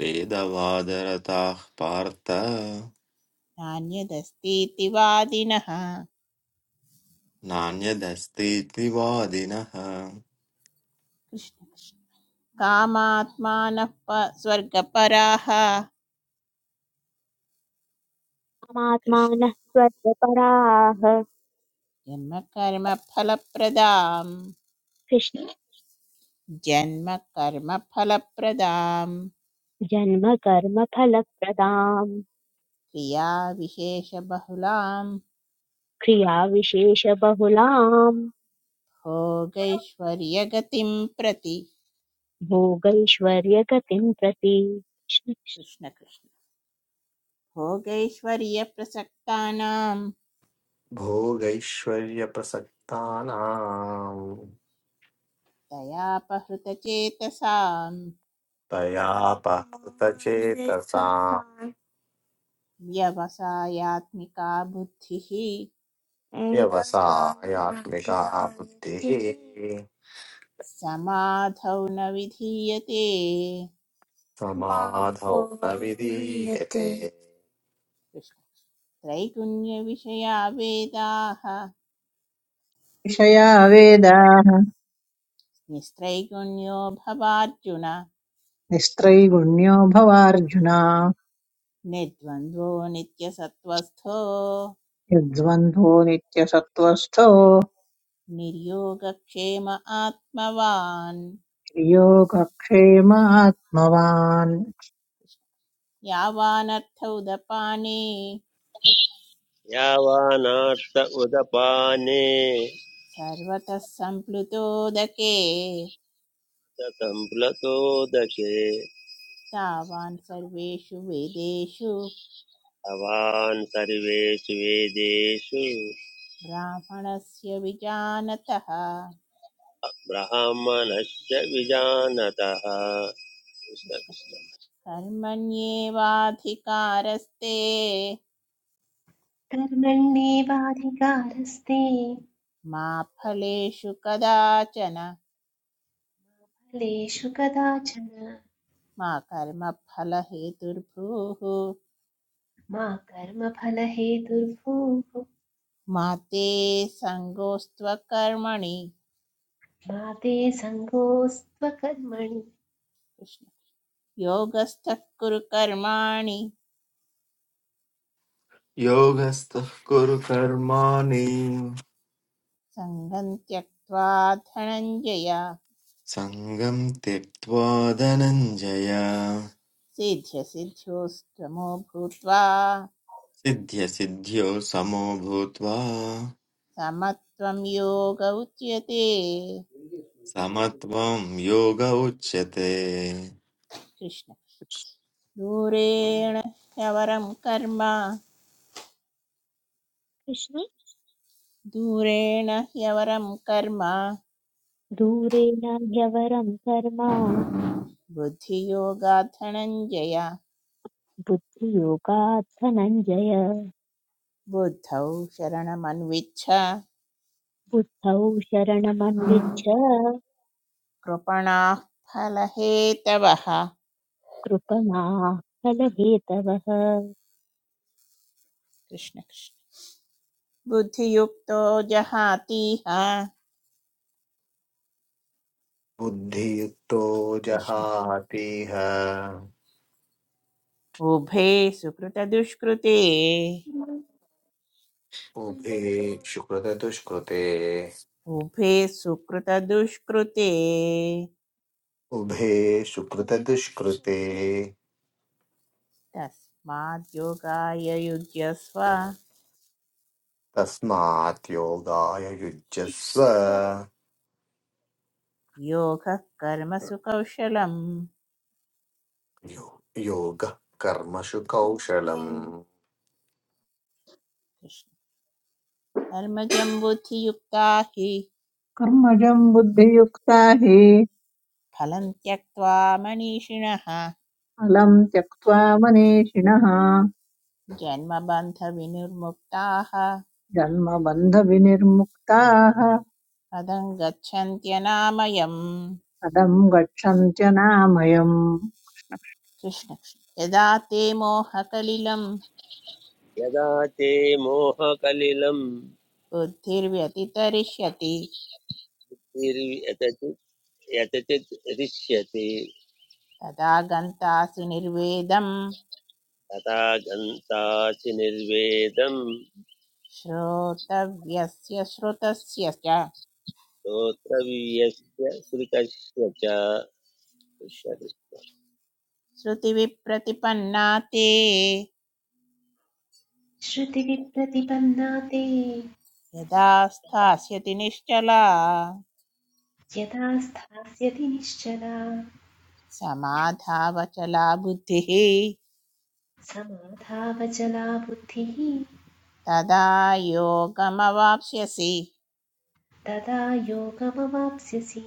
Speaker 7: वेदवादरताः पार्थ
Speaker 2: नान्यदस्तीति वादिनः कृष्ण
Speaker 7: नान्यदस्तीति वादिनः
Speaker 2: कृष्ण। कामात्मानः प- स्वर्गपराः कृष्ण
Speaker 1: मात्मानः स्वर्गपराः
Speaker 2: जन्मकर्मफलप्रदां
Speaker 1: कृष्ण
Speaker 2: जन्मकर्मफलप्रदां
Speaker 1: जन्मकर्मफलप्रदाम्
Speaker 2: क्रियाविशेषबहुलां
Speaker 1: क्रियाविशेषबहुलाम्
Speaker 2: भोगैश्वर्यगतिं प्रति
Speaker 1: भोगैश्वर्यगतिम् प्रति कृष्ण
Speaker 2: कृष्णकृष्ण भोगैश्वर्यप्रसक्तानां
Speaker 3: भोगैश्वर्यप्रसक्तानाम्
Speaker 2: दयापहृतचेतसां
Speaker 3: तया पतचेतसां
Speaker 2: व्यवसायात्मिका बुद्धिः
Speaker 3: व्यवसायात्मिका बुद्धिः
Speaker 2: समाधौ न विधीयते
Speaker 3: समाधौ न विधीयते
Speaker 2: कृष्ण। त्रैगुण्यविषया वेदाः
Speaker 4: विषया वेदाः
Speaker 2: निस्त्रैगुण्यो भवार्जुन
Speaker 4: निस्त्रैगुण्यो भवार्जुन
Speaker 2: निर्द्वन्द्वो नित्यसत्त्वस्थो
Speaker 4: यद्वन्द्वो नित्यसत्त्वस्थो
Speaker 2: निर्योगक्षेम आत्मवान्
Speaker 4: योगक्षेमात्मवान्
Speaker 2: यावानर्थौदपाने
Speaker 5: यावानार्थ उदपाने
Speaker 2: सर्वतः सम्प्लुतोदके
Speaker 5: स सम्प्लतोदके
Speaker 2: तावान् सर्वेषु वेदेषु
Speaker 5: भवान् सर्वेषु वेदेषु
Speaker 2: ब्राह्मणस्य विजानतः कृष्ण
Speaker 5: ब्राह्मणश्च विजानतः कृष्ण कृष्ण।
Speaker 2: कर्मण्येवाधिकारस्ते
Speaker 6: कर्मण्येवाधिकारस्ते
Speaker 2: मा फलेषु कदाचन
Speaker 6: फलेषु कदाचन
Speaker 2: मा कर्मफलहेतुर्भूः
Speaker 6: मा कर्मफलहेतुर्भूः
Speaker 2: मा ते सङ्गोऽस्त्वकर्मणि
Speaker 6: मा ते सङ्गोऽस्त्वकर्मणि
Speaker 2: कृष्ण योगस्थः कुरु कर्माणि
Speaker 7: योगस्थः कुरु कर्माणि
Speaker 2: सङ्गं त्यक्त्वा धनञ्जय
Speaker 7: सङ्गं त्यक्त्वा धनञ्जय
Speaker 2: सिद्ध्यसिद्ध्योस्तमो भूत्वा
Speaker 7: सिद्ध्यसिद्ध्यो समो भूत्वा
Speaker 2: समत्वं योग उच्यते
Speaker 7: समत्वं योग उच्यते
Speaker 2: कृष्ण दूरेण ह्यवरं कर्म
Speaker 1: कृष्ण
Speaker 2: दूरेण ह्यवरं कर्म
Speaker 1: दूरेण ह्यवरम् कर्म
Speaker 2: बुद्धियोगात् धनञ्जय
Speaker 1: बुद्धियोगात् धनञ्जय
Speaker 2: बुद्धौ शरणमन्विच्छ
Speaker 1: बुद्धौ शरणमन्विच्छ
Speaker 2: कृपणाः फलहेतवः
Speaker 1: कृपणाः फलहेतवः
Speaker 2: कृष्ण कृष्ण बुद्धियुक्तो जहातीह
Speaker 3: बुद्धियुक्तो
Speaker 2: कृष्ण
Speaker 3: जहातीह
Speaker 2: उभे सुकृतदुष्कृते
Speaker 3: उभे सुकृतदुष्कृते
Speaker 2: उभे सुकृतदुष्कृते
Speaker 3: उभे सुकृतदुष्कृते
Speaker 2: तस्माद्योगाय युज्यस्व
Speaker 3: तस्मात् योगाय युज्यस्व
Speaker 2: योगः कर्मसु कौशलम्
Speaker 3: यो- योगः कर्मसु कौशलम्
Speaker 2: कृष्ण। कर्मजं बुद्धियुक्ता हि
Speaker 4: कर्मजं बुद्धियुक्ता हि
Speaker 2: फलं त्यक्त्वा मनीषिणः
Speaker 4: फलं त्यक्त्वा मनीषिणः
Speaker 2: जन्मबन्धविनिर्मुक्ताः
Speaker 4: जन्मबन्धविनिर्मुक्ताः
Speaker 2: पदं गच्छन्त्यनामयम्
Speaker 4: पदम् गच्छन्त्यनामयम्
Speaker 2: कृष्ण कृष्ण। यदा ते मोहकलिलं
Speaker 5: यदा ते मोहकलिलं
Speaker 2: बुद्धिर्व्यतितरिष्यति
Speaker 5: निर्वि- यतचित् यतचित् हृष्यति
Speaker 2: तदा गन्तासि निर्वेदम्
Speaker 5: तथा गन्तासि निर्वेदं
Speaker 2: श्रोतव्यस्य श्रुतस्य च
Speaker 5: श्रोत्रव्यस्य कृतस्य च कृष्ण कृष्ण।
Speaker 2: श्रुतिविप्रतिपन्ना ते
Speaker 6: श्रुतिविप्रतिपन्ना ते
Speaker 2: यदा स्थास्यति निश्चला
Speaker 6: यदा स्थास्यति निश्चला
Speaker 2: समाधावचला बुद्धिः
Speaker 6: समाधावचला बुद्धिः
Speaker 2: तदा योगमवाप्स्यसि
Speaker 6: तदा योगमवाप्स्यसि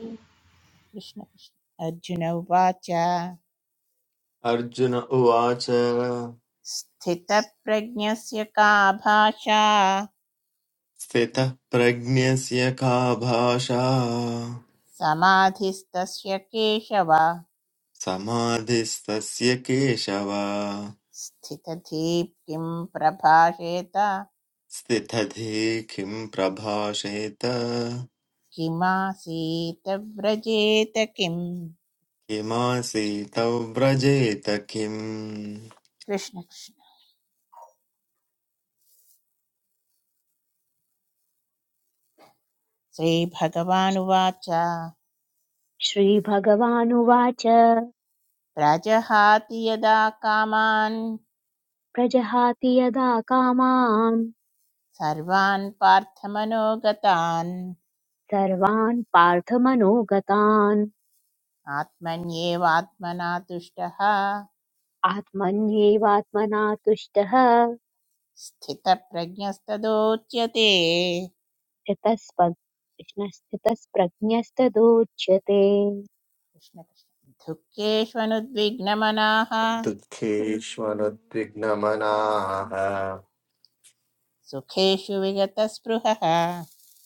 Speaker 2: कृष्ण कृष्ण। अर्जुन उवाच
Speaker 7: अर्जुन उवाच
Speaker 2: स्थितप्रज्ञस्य का भाषा
Speaker 7: स्थितः प्रज्ञस्य का भाषा
Speaker 2: समाधिस्तस्य केशव
Speaker 7: समाधिस्तस्य केशव
Speaker 2: स्थितधीप्तिं प्रभाषेत
Speaker 7: स्थितधि किं प्रभाषेत
Speaker 2: किमासीतव्रजेत किं
Speaker 7: किमासीतौ व्रजेत किम्
Speaker 2: कृष्णकृष्ण श्रीभगवानुवाच
Speaker 1: श्रीभगवानुवाच
Speaker 2: प्रजहाति यदा कामान्
Speaker 1: प्रजहाति यदा कामान्
Speaker 2: सर्वान् पार्थमनोगतान्
Speaker 1: सर्वान् पार्थमनोगतान्
Speaker 2: आत्मन्येवात्मना तुष्टः
Speaker 1: आत्मन्येवात्मना तुष्टः
Speaker 2: स्थितप्रज्ञस्तदोच्यते
Speaker 1: स्थितस्प्रज्ञ स्थितस्प्रज्ञस्तदोच्यते
Speaker 2: कृष्णकृष्ण दुःखेष्वनुद्विग्नमनाः
Speaker 3: दुःखेष्वनुद्विग्नमनाः
Speaker 2: सुखेषु विगतस्पृहः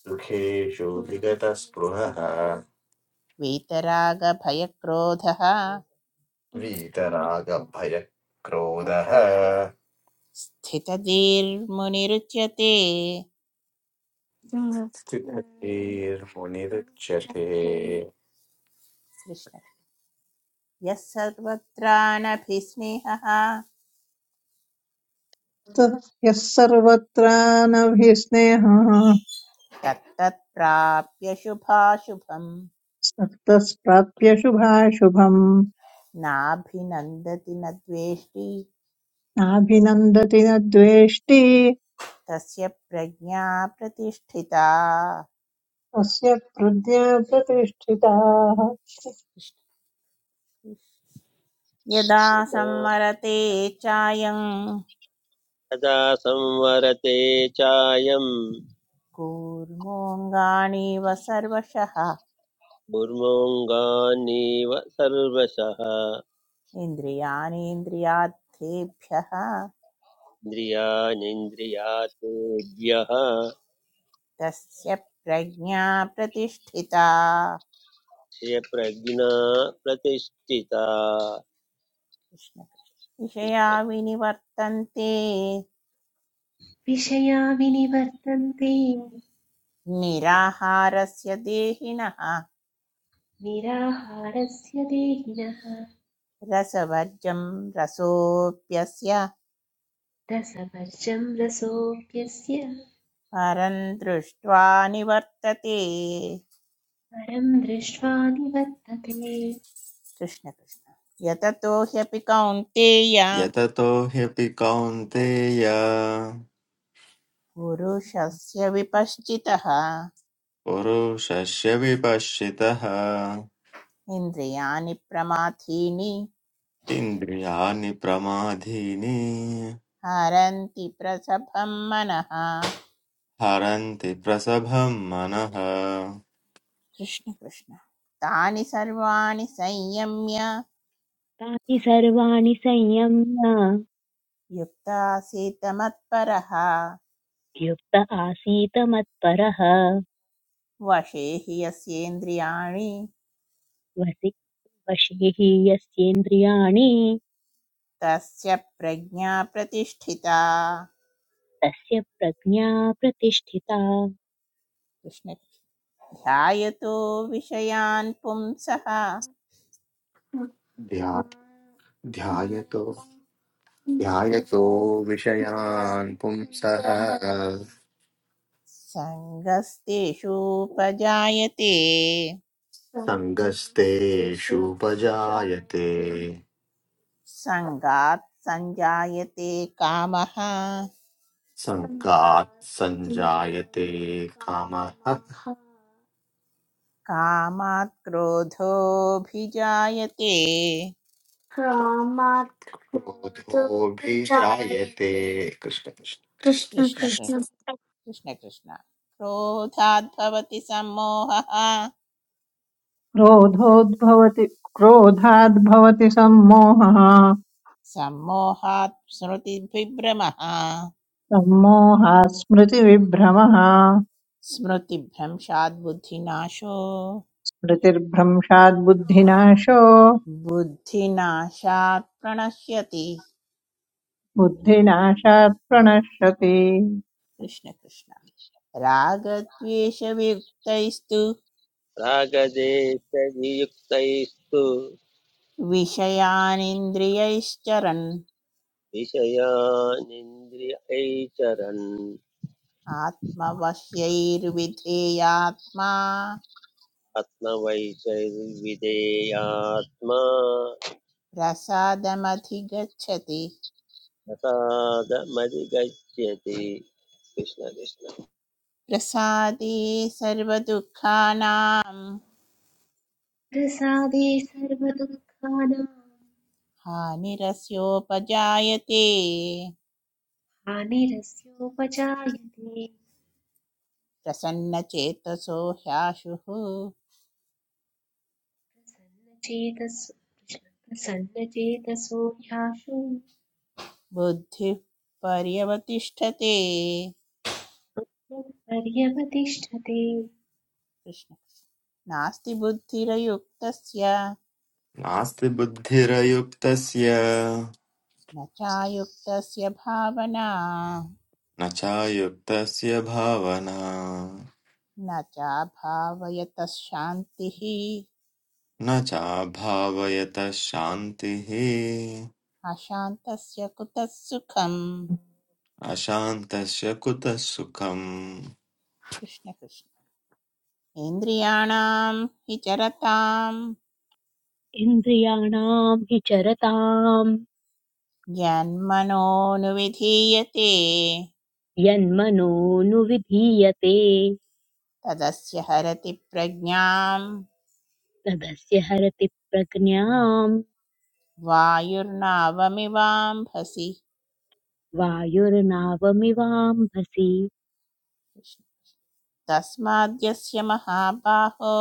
Speaker 3: सुखेषु विगतस्पृहः
Speaker 2: वीतरागभयक्रोधः
Speaker 3: वीतरागभयक्रोधः
Speaker 2: स्थितधीर्मुनिरुच्यते
Speaker 3: स्थितधीर्मुनिरुच्यते
Speaker 2: कृष्ण यः सर्वत्राणभिस्नेहः
Speaker 4: ततः यः सर्वत्रानभिस्नेहः
Speaker 2: तत्तत् प्राप्य शुभाशुभम्
Speaker 4: सक्तस्प्राप्य शुभाशुभम्
Speaker 2: नाभिनन्दति न द्वेष्टि
Speaker 4: नाभिनन्दति न द्वेष्टि
Speaker 2: तस्य प्रज्ञा प्रतिष्ठिता
Speaker 4: तस्य हृदय प्रतिष्ठिताः
Speaker 2: यदा
Speaker 5: यथा
Speaker 2: सम्मरते चायं
Speaker 5: यदा संवरते चायं
Speaker 2: कूर्मोऽङ्गाणीव सर्वशः
Speaker 5: भुर्मोऽङ्गानीव सर्वशः
Speaker 2: इन्द्रियाणीन्द्रियार्थेभ्यः
Speaker 5: इन्द्रियाणीन्द्रियातेभ्यः
Speaker 2: तस्य प्रज्ञा प्रतिष्ठिता
Speaker 5: प्रज्ञा प्रतिष्ठिता
Speaker 2: कृष्ण कृष्ण। विषया विनिवर्तन्ते
Speaker 6: विषया विनिवर्तन्ते
Speaker 2: निराहारस्य देहिनः
Speaker 6: निराहारस्य देहिनः
Speaker 2: रसवर्जं रसोऽप्यस्य
Speaker 6: रसवर्जं रसोऽप्यस्य
Speaker 2: परं दृष्ट्वा निवर्तते
Speaker 6: परं दृष्ट्वा निवर्तते
Speaker 2: कृष्ण कृष्ण यततो ह्यपि कौन्तेय
Speaker 7: यततो ह्यपि कौन्तेय
Speaker 2: पुरुषस्य विपश्चितः
Speaker 7: पुरुषस्य विपश्चितः
Speaker 2: इन्द्रियाणि प्रमाथीनि
Speaker 7: इन्द्रियाणि प्रमादीनि
Speaker 2: हरन्ति प्रसभं मनः
Speaker 7: हरन्ति प्रसभं मनः
Speaker 2: कृष्ण कृष्ण तानि सर्वाणि संयम्य
Speaker 1: तानि सर्वाणि संयम्य
Speaker 2: युक्तासीत मत्परः
Speaker 1: युक्त आसीत मत्परः
Speaker 2: वशे हि यस्येन्द्रियाणि
Speaker 1: वसि वशी हि यस्येन्द्रियाणि
Speaker 2: तस्य प्रज्ञा प्रतिष्ठिता
Speaker 1: तस्य प्रज्ञा प्रतिष्ठिता
Speaker 2: कृष्ण ध्यायतो विषयान् पुंसः
Speaker 3: ध्या ध्यायतो ध्यायतो विषयान् पुंसः
Speaker 2: सङ्गस्तेषूपजायते
Speaker 3: सङ्गस्तेषुपजायते
Speaker 2: सङ्गात् सञ्जायते कामः
Speaker 3: सङ्गात् सञ्जायते कामः
Speaker 2: कामात् क्रोधोऽभिजायते
Speaker 3: क्रोमात् क्रोधोऽभिजायते कृष्ण कृष्ण कृष्ण
Speaker 2: कृष्ण
Speaker 3: कृष्ण
Speaker 2: कृष्ण कृष्ण कृष्ण क्रोधाद्भवति सम्मोहः
Speaker 4: क्रोधोद्भवति क्रोधाद्भवति सम्मोहः
Speaker 2: सम्मोहात् स्मृतिभिभ्रमः
Speaker 4: सम्मोहात् स्मृतिविभ्रमः
Speaker 2: स्मृतिभ्रंशात् बुद्धिनाशो
Speaker 4: स्मृतिर्भ्रंशात् बुद्धिनाशो
Speaker 2: बुद्धिनाशात् प्रणश्यति
Speaker 4: बुद्धिनाशात् प्रणश्यति
Speaker 2: कृष्णकृष्ण रागद्वेषवियुक्तैस्तु
Speaker 5: प्रागदेशवियुक्तैस्तु
Speaker 2: विषयानिन्द्रियैश्चरन्
Speaker 5: विषयानिन्द्रियैचरन्
Speaker 2: आत्मवश्यैर्विधेयात्मा
Speaker 5: आत्मवैचैर्विधेयात्मा
Speaker 2: प्रसादमधिगच्छति
Speaker 5: प्रसादमधिगच्छति कृष्णकृष्ण
Speaker 2: प्रसादे सर्वदुःखानां
Speaker 6: प्रसादे सर्वदुःखानां
Speaker 2: हानिरस्योपजायते
Speaker 6: हानिरस्योपजायते
Speaker 2: प्रसन्नचेतसो ह्याशुः
Speaker 6: प्रसन्नचेतसो ह्याशु
Speaker 2: बुद्धिः पर्यवतिष्ठते
Speaker 6: मत्पर्यमतिष्ठते
Speaker 2: कृष्ण नास्ति बुद्धिरयुक्तस्य
Speaker 7: नास्ति बुद्धिरयुक्तस्य
Speaker 2: न चायुक्तस्य भावना
Speaker 7: न चायुक्तस्य भावना
Speaker 2: न चाभावयतः शान्तिः
Speaker 7: न चाभावयतः शान्तिः
Speaker 2: अशान्तस्य कुतः सुखम्
Speaker 7: अशान्तस्य कुतः सुखम्
Speaker 2: कृष्ण कृष्ण इन्द्रियाणां हि चरतां
Speaker 1: इन्द्रियाणां हि चरतां
Speaker 2: यन्मनोनुविधीयते
Speaker 1: यन्मनोनुविधीयते
Speaker 2: तदस्य हरति प्रज्ञाम्
Speaker 1: तदस्य हरति प्रज्ञाम्
Speaker 2: वायुर्नावमिवाम्भसि
Speaker 1: वायुर्नावमिवाम्भसि
Speaker 2: तस्माद्यस्य महाबाहो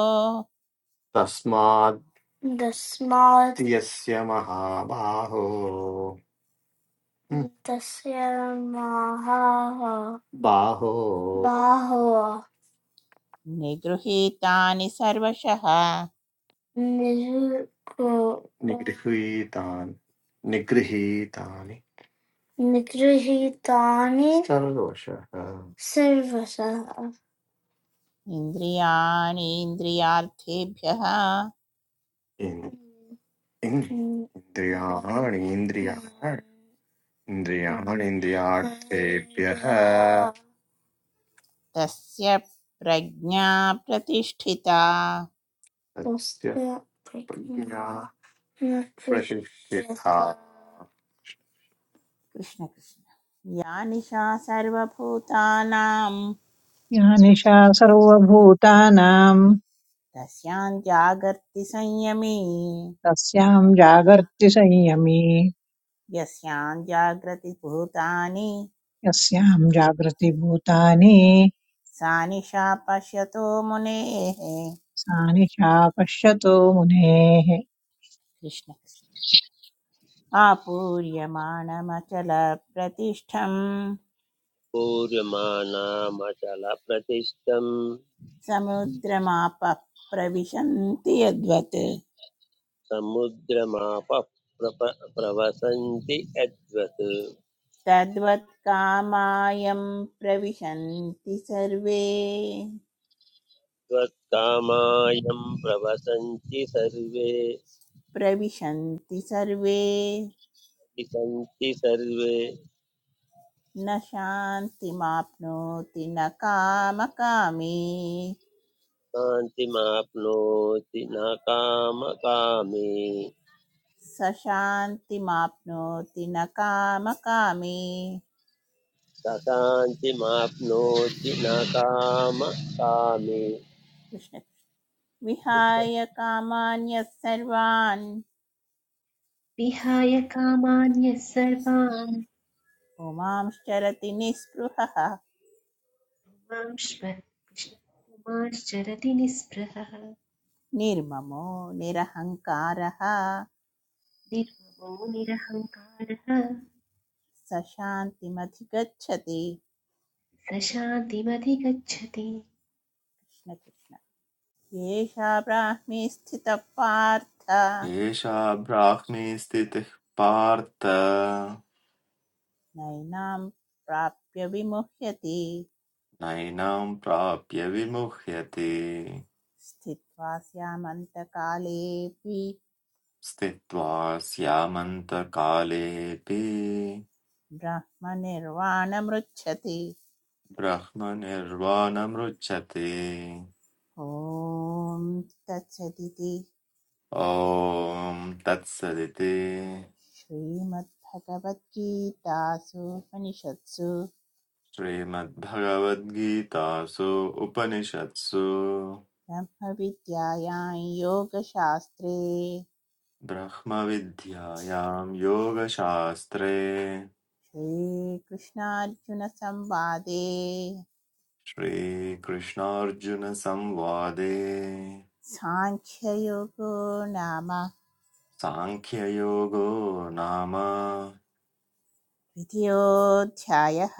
Speaker 3: तस्मात् तस्मात् यस्य महाबाहो हं, तस्य महाः बाहो बाहो
Speaker 2: निगृहीतानि सर्वशः
Speaker 3: निरुको निगृहीतान् निगृहीतानि निगृहीतानि सर्वशः सर्वशः
Speaker 2: इन्द्रियाणीन्द्रियार्थेभ्यः
Speaker 3: इन्- इन्- इन्द्रियाणि इन्द्रिया- इन्द्रियाणि इन्द्रियार्थेभ्यः
Speaker 2: तस्य प्रज्ञा प्रतिष्ठिता
Speaker 3: तस्य प्रज्ञा प्रशिक्षिता
Speaker 2: कृष्ण कृष्ण या निशा सर्वभूतानां
Speaker 4: ज्ञानिशा सर्वभूतानां
Speaker 2: तस्यां जागर्ति संयमी
Speaker 4: तस्यां जागर्ति संयमी
Speaker 2: यस्यां जागृति भूतानि
Speaker 4: यस्यां जागृति भूतानि
Speaker 2: सा निशा पश्यतो मुनेः
Speaker 4: सा निशा पश्यतो मुनेः
Speaker 2: कृष्ण आपूर्यमाणमचलप्रतिष्ठम्
Speaker 5: कूर्यमाणामचलप्रतिष्ठम्
Speaker 2: समुद्रमापः प्रविशन्ति यद्वत्
Speaker 5: समुद्रमापः प्रप प्रवसन्ति यद्वत्
Speaker 2: तद्वत् कामायं प्रविशन्ति सर्वे
Speaker 5: त्वत्कामायं प्रवसन्ति सर्वे
Speaker 2: प्रविशन्ति सर्वे
Speaker 5: सन्ति सर्वे
Speaker 2: न शान्तिमाप्नोति न कामकामी
Speaker 5: शान्तिमाप्नोति न कामकामी
Speaker 2: स शान्तिमाप्नोति न कामकामी
Speaker 5: स शान्तिमाप्नोति न कामकामी
Speaker 2: कृष्ण विहाय कामान्यः
Speaker 6: विहाय कामान्यः सर्वान्
Speaker 2: पुमांश्चरति निःस्पृहः
Speaker 6: पुमांश्व- कृष्ण- पुमांश्चरति निःस्पृहः
Speaker 2: निर्ममो निरहङ्कारः
Speaker 6: निर्ममो निरहङ्कारः
Speaker 2: स शान्तिमधिगच्छति
Speaker 6: स शान्तिमधिगच्छति
Speaker 2: कृष्णकृष्ण येषा ब्राह्मी स्थितः पार्थ
Speaker 7: एषा ब्राह्मी स्थितिः पार्थ
Speaker 2: नैनां प्राप्य विमुह्यति
Speaker 7: नयनां प्राप्य विमुह्यते
Speaker 2: स्थित्वा स्यामन्तकालेऽपि
Speaker 7: स्थित्वा स्यामन्तकालेऽपि
Speaker 2: ब्रह्मनिर्वाणमृच्छति
Speaker 7: ब्रह्मनिर्वाणमुच्यते
Speaker 2: ॐ तत्सदिति
Speaker 7: ॐ तत्सदिति
Speaker 2: श्रीमद्भगवद्गीतासु उपनिषत्सु
Speaker 7: श्रीमद्भगवद्गीतासु उपनिषत्सु
Speaker 2: ब्रह्मविद्यायां योगशास्त्रे
Speaker 7: ब्रह्मविद्यायां योगशास्त्रे
Speaker 2: श्रीकृष्णार्जुनसंवादे
Speaker 7: श्रीकृष्णार्जुनसंवादे
Speaker 2: साङ्ख्ययोगो नाम
Speaker 7: सांख्ययोगो नाम
Speaker 2: द्वितीयोऽध्यायः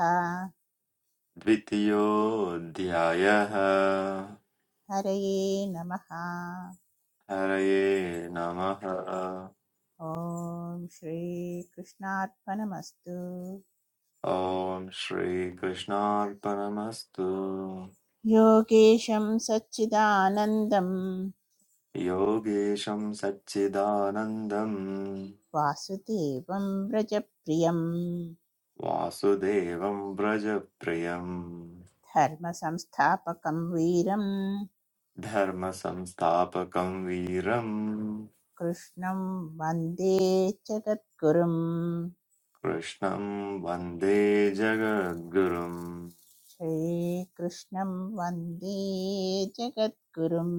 Speaker 7: द्वितीयोऽध्यायः
Speaker 2: हरये नमः
Speaker 7: हरये नमः
Speaker 2: ॐ श्रीकृष्णार्पणमस्तु
Speaker 7: ॐ श्रीकृष्णार्पणमस्तु
Speaker 2: योगेशं सच्चिदानन्दं
Speaker 7: योगेशं सच्चिदानन्दं
Speaker 2: वासुदेवं व्रजप्रियं
Speaker 7: वासुदेवं व्रजप्रियं
Speaker 2: धर्मसंस्थापकं वीरं
Speaker 7: धर्मसंस्थापकं वीरं
Speaker 2: कृष्णं वन्दे जगद्गुरुं
Speaker 7: कृष्णं वन्दे जगद्गुरुं
Speaker 2: श्रीकृष्णं वन्दे जगद्गुरुं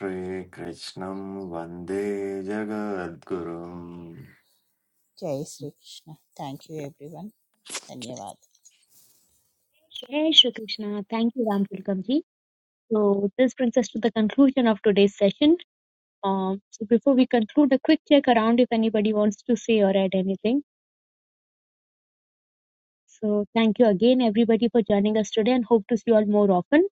Speaker 7: श्रीकृष्णं वन्दे जगद्गुरुम्
Speaker 2: जय श्रीकृष्ण थैंक यू एवरीवन धन्यवाद
Speaker 1: Jai Shri Krishna. Thank you, Ram Tilkamji. So this brings us to the conclusion of today's session. Um, so before we conclude, a quick check around if anybody wants to say or add anything. So thank you again, everybody, for joining us today, and hope to see you all more often.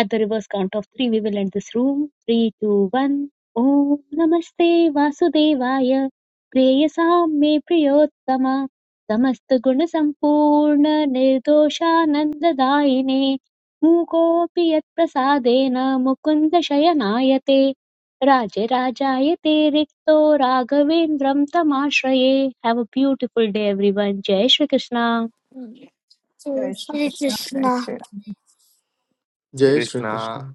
Speaker 1: At the reverse count of three, we will end this room. Three, two, one. Om Namaste Vasudevaya. Preyasam me priyottama. Samasta guna sampurna nirdoshananda daine. Mukopi yat prasadena mukunda shayanayate. Raja Rajayate Rikto Raghavendram Tamashraye. Have a beautiful day everyone. Jai Shri Krishna.
Speaker 4: जय
Speaker 3: श्रीकृष्ण कृष्ण
Speaker 4: श्रीकृष्ण
Speaker 3: श्री
Speaker 7: जय
Speaker 3: कृष्ण
Speaker 7: श्रीकृष्ण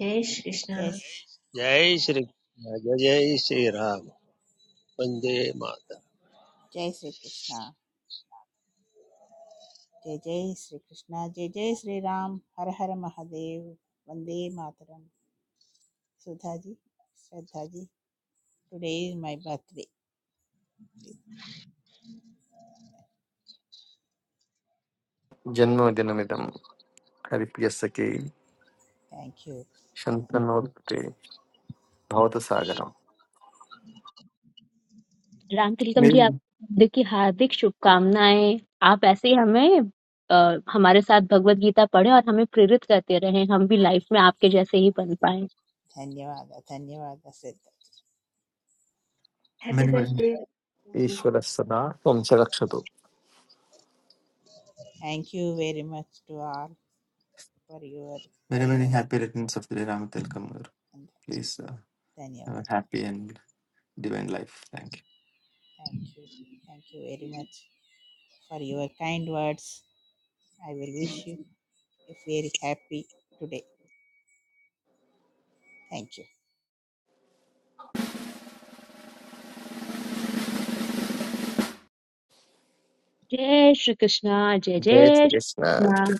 Speaker 6: जय श्रीकृष्ण
Speaker 2: जय श्री-
Speaker 5: जय श्री जय जय श्रीराम वन्दे मातरम्
Speaker 2: जय श्रीकृष्ण जय जय श्रीकृष्ण जय जय श्रीराम हर हर महादेव वन्दे मातरम Sudha ji Shraddha ji today is my birthday
Speaker 3: जन्मदिनमिदं हरिप्रियसखे
Speaker 2: थैंक यू
Speaker 3: शन्तनोत्ते भवतसागरम्
Speaker 1: राम तिलकम
Speaker 7: Many,
Speaker 1: जी आपको की हार्दिक शुभकामनाएं आप ऐसे ही हमें अ, हमारे साथ भगवत गीता पढ़े और हमें प्रेरित करते रहें हम भी लाइफ में आपके जैसे ही बन पाए
Speaker 2: Thank
Speaker 6: happy
Speaker 7: many, many,
Speaker 6: birthday ji.
Speaker 3: ईश्वरः सदा त्वं च रक्षतु
Speaker 2: you very much to all for your
Speaker 7: many, many happy returns of the day, Ramatilkamur. Please uh,
Speaker 2: kind
Speaker 7: have a
Speaker 2: words.
Speaker 7: happy and divine life. Thank you.
Speaker 2: Thank you, thank you very much for your kind words. I will wish you a very happy today. Thank you.
Speaker 1: जय श्री कृष्णा जय
Speaker 3: जय
Speaker 1: जय श्री कृष्णा
Speaker 3: श्रीकृष्ण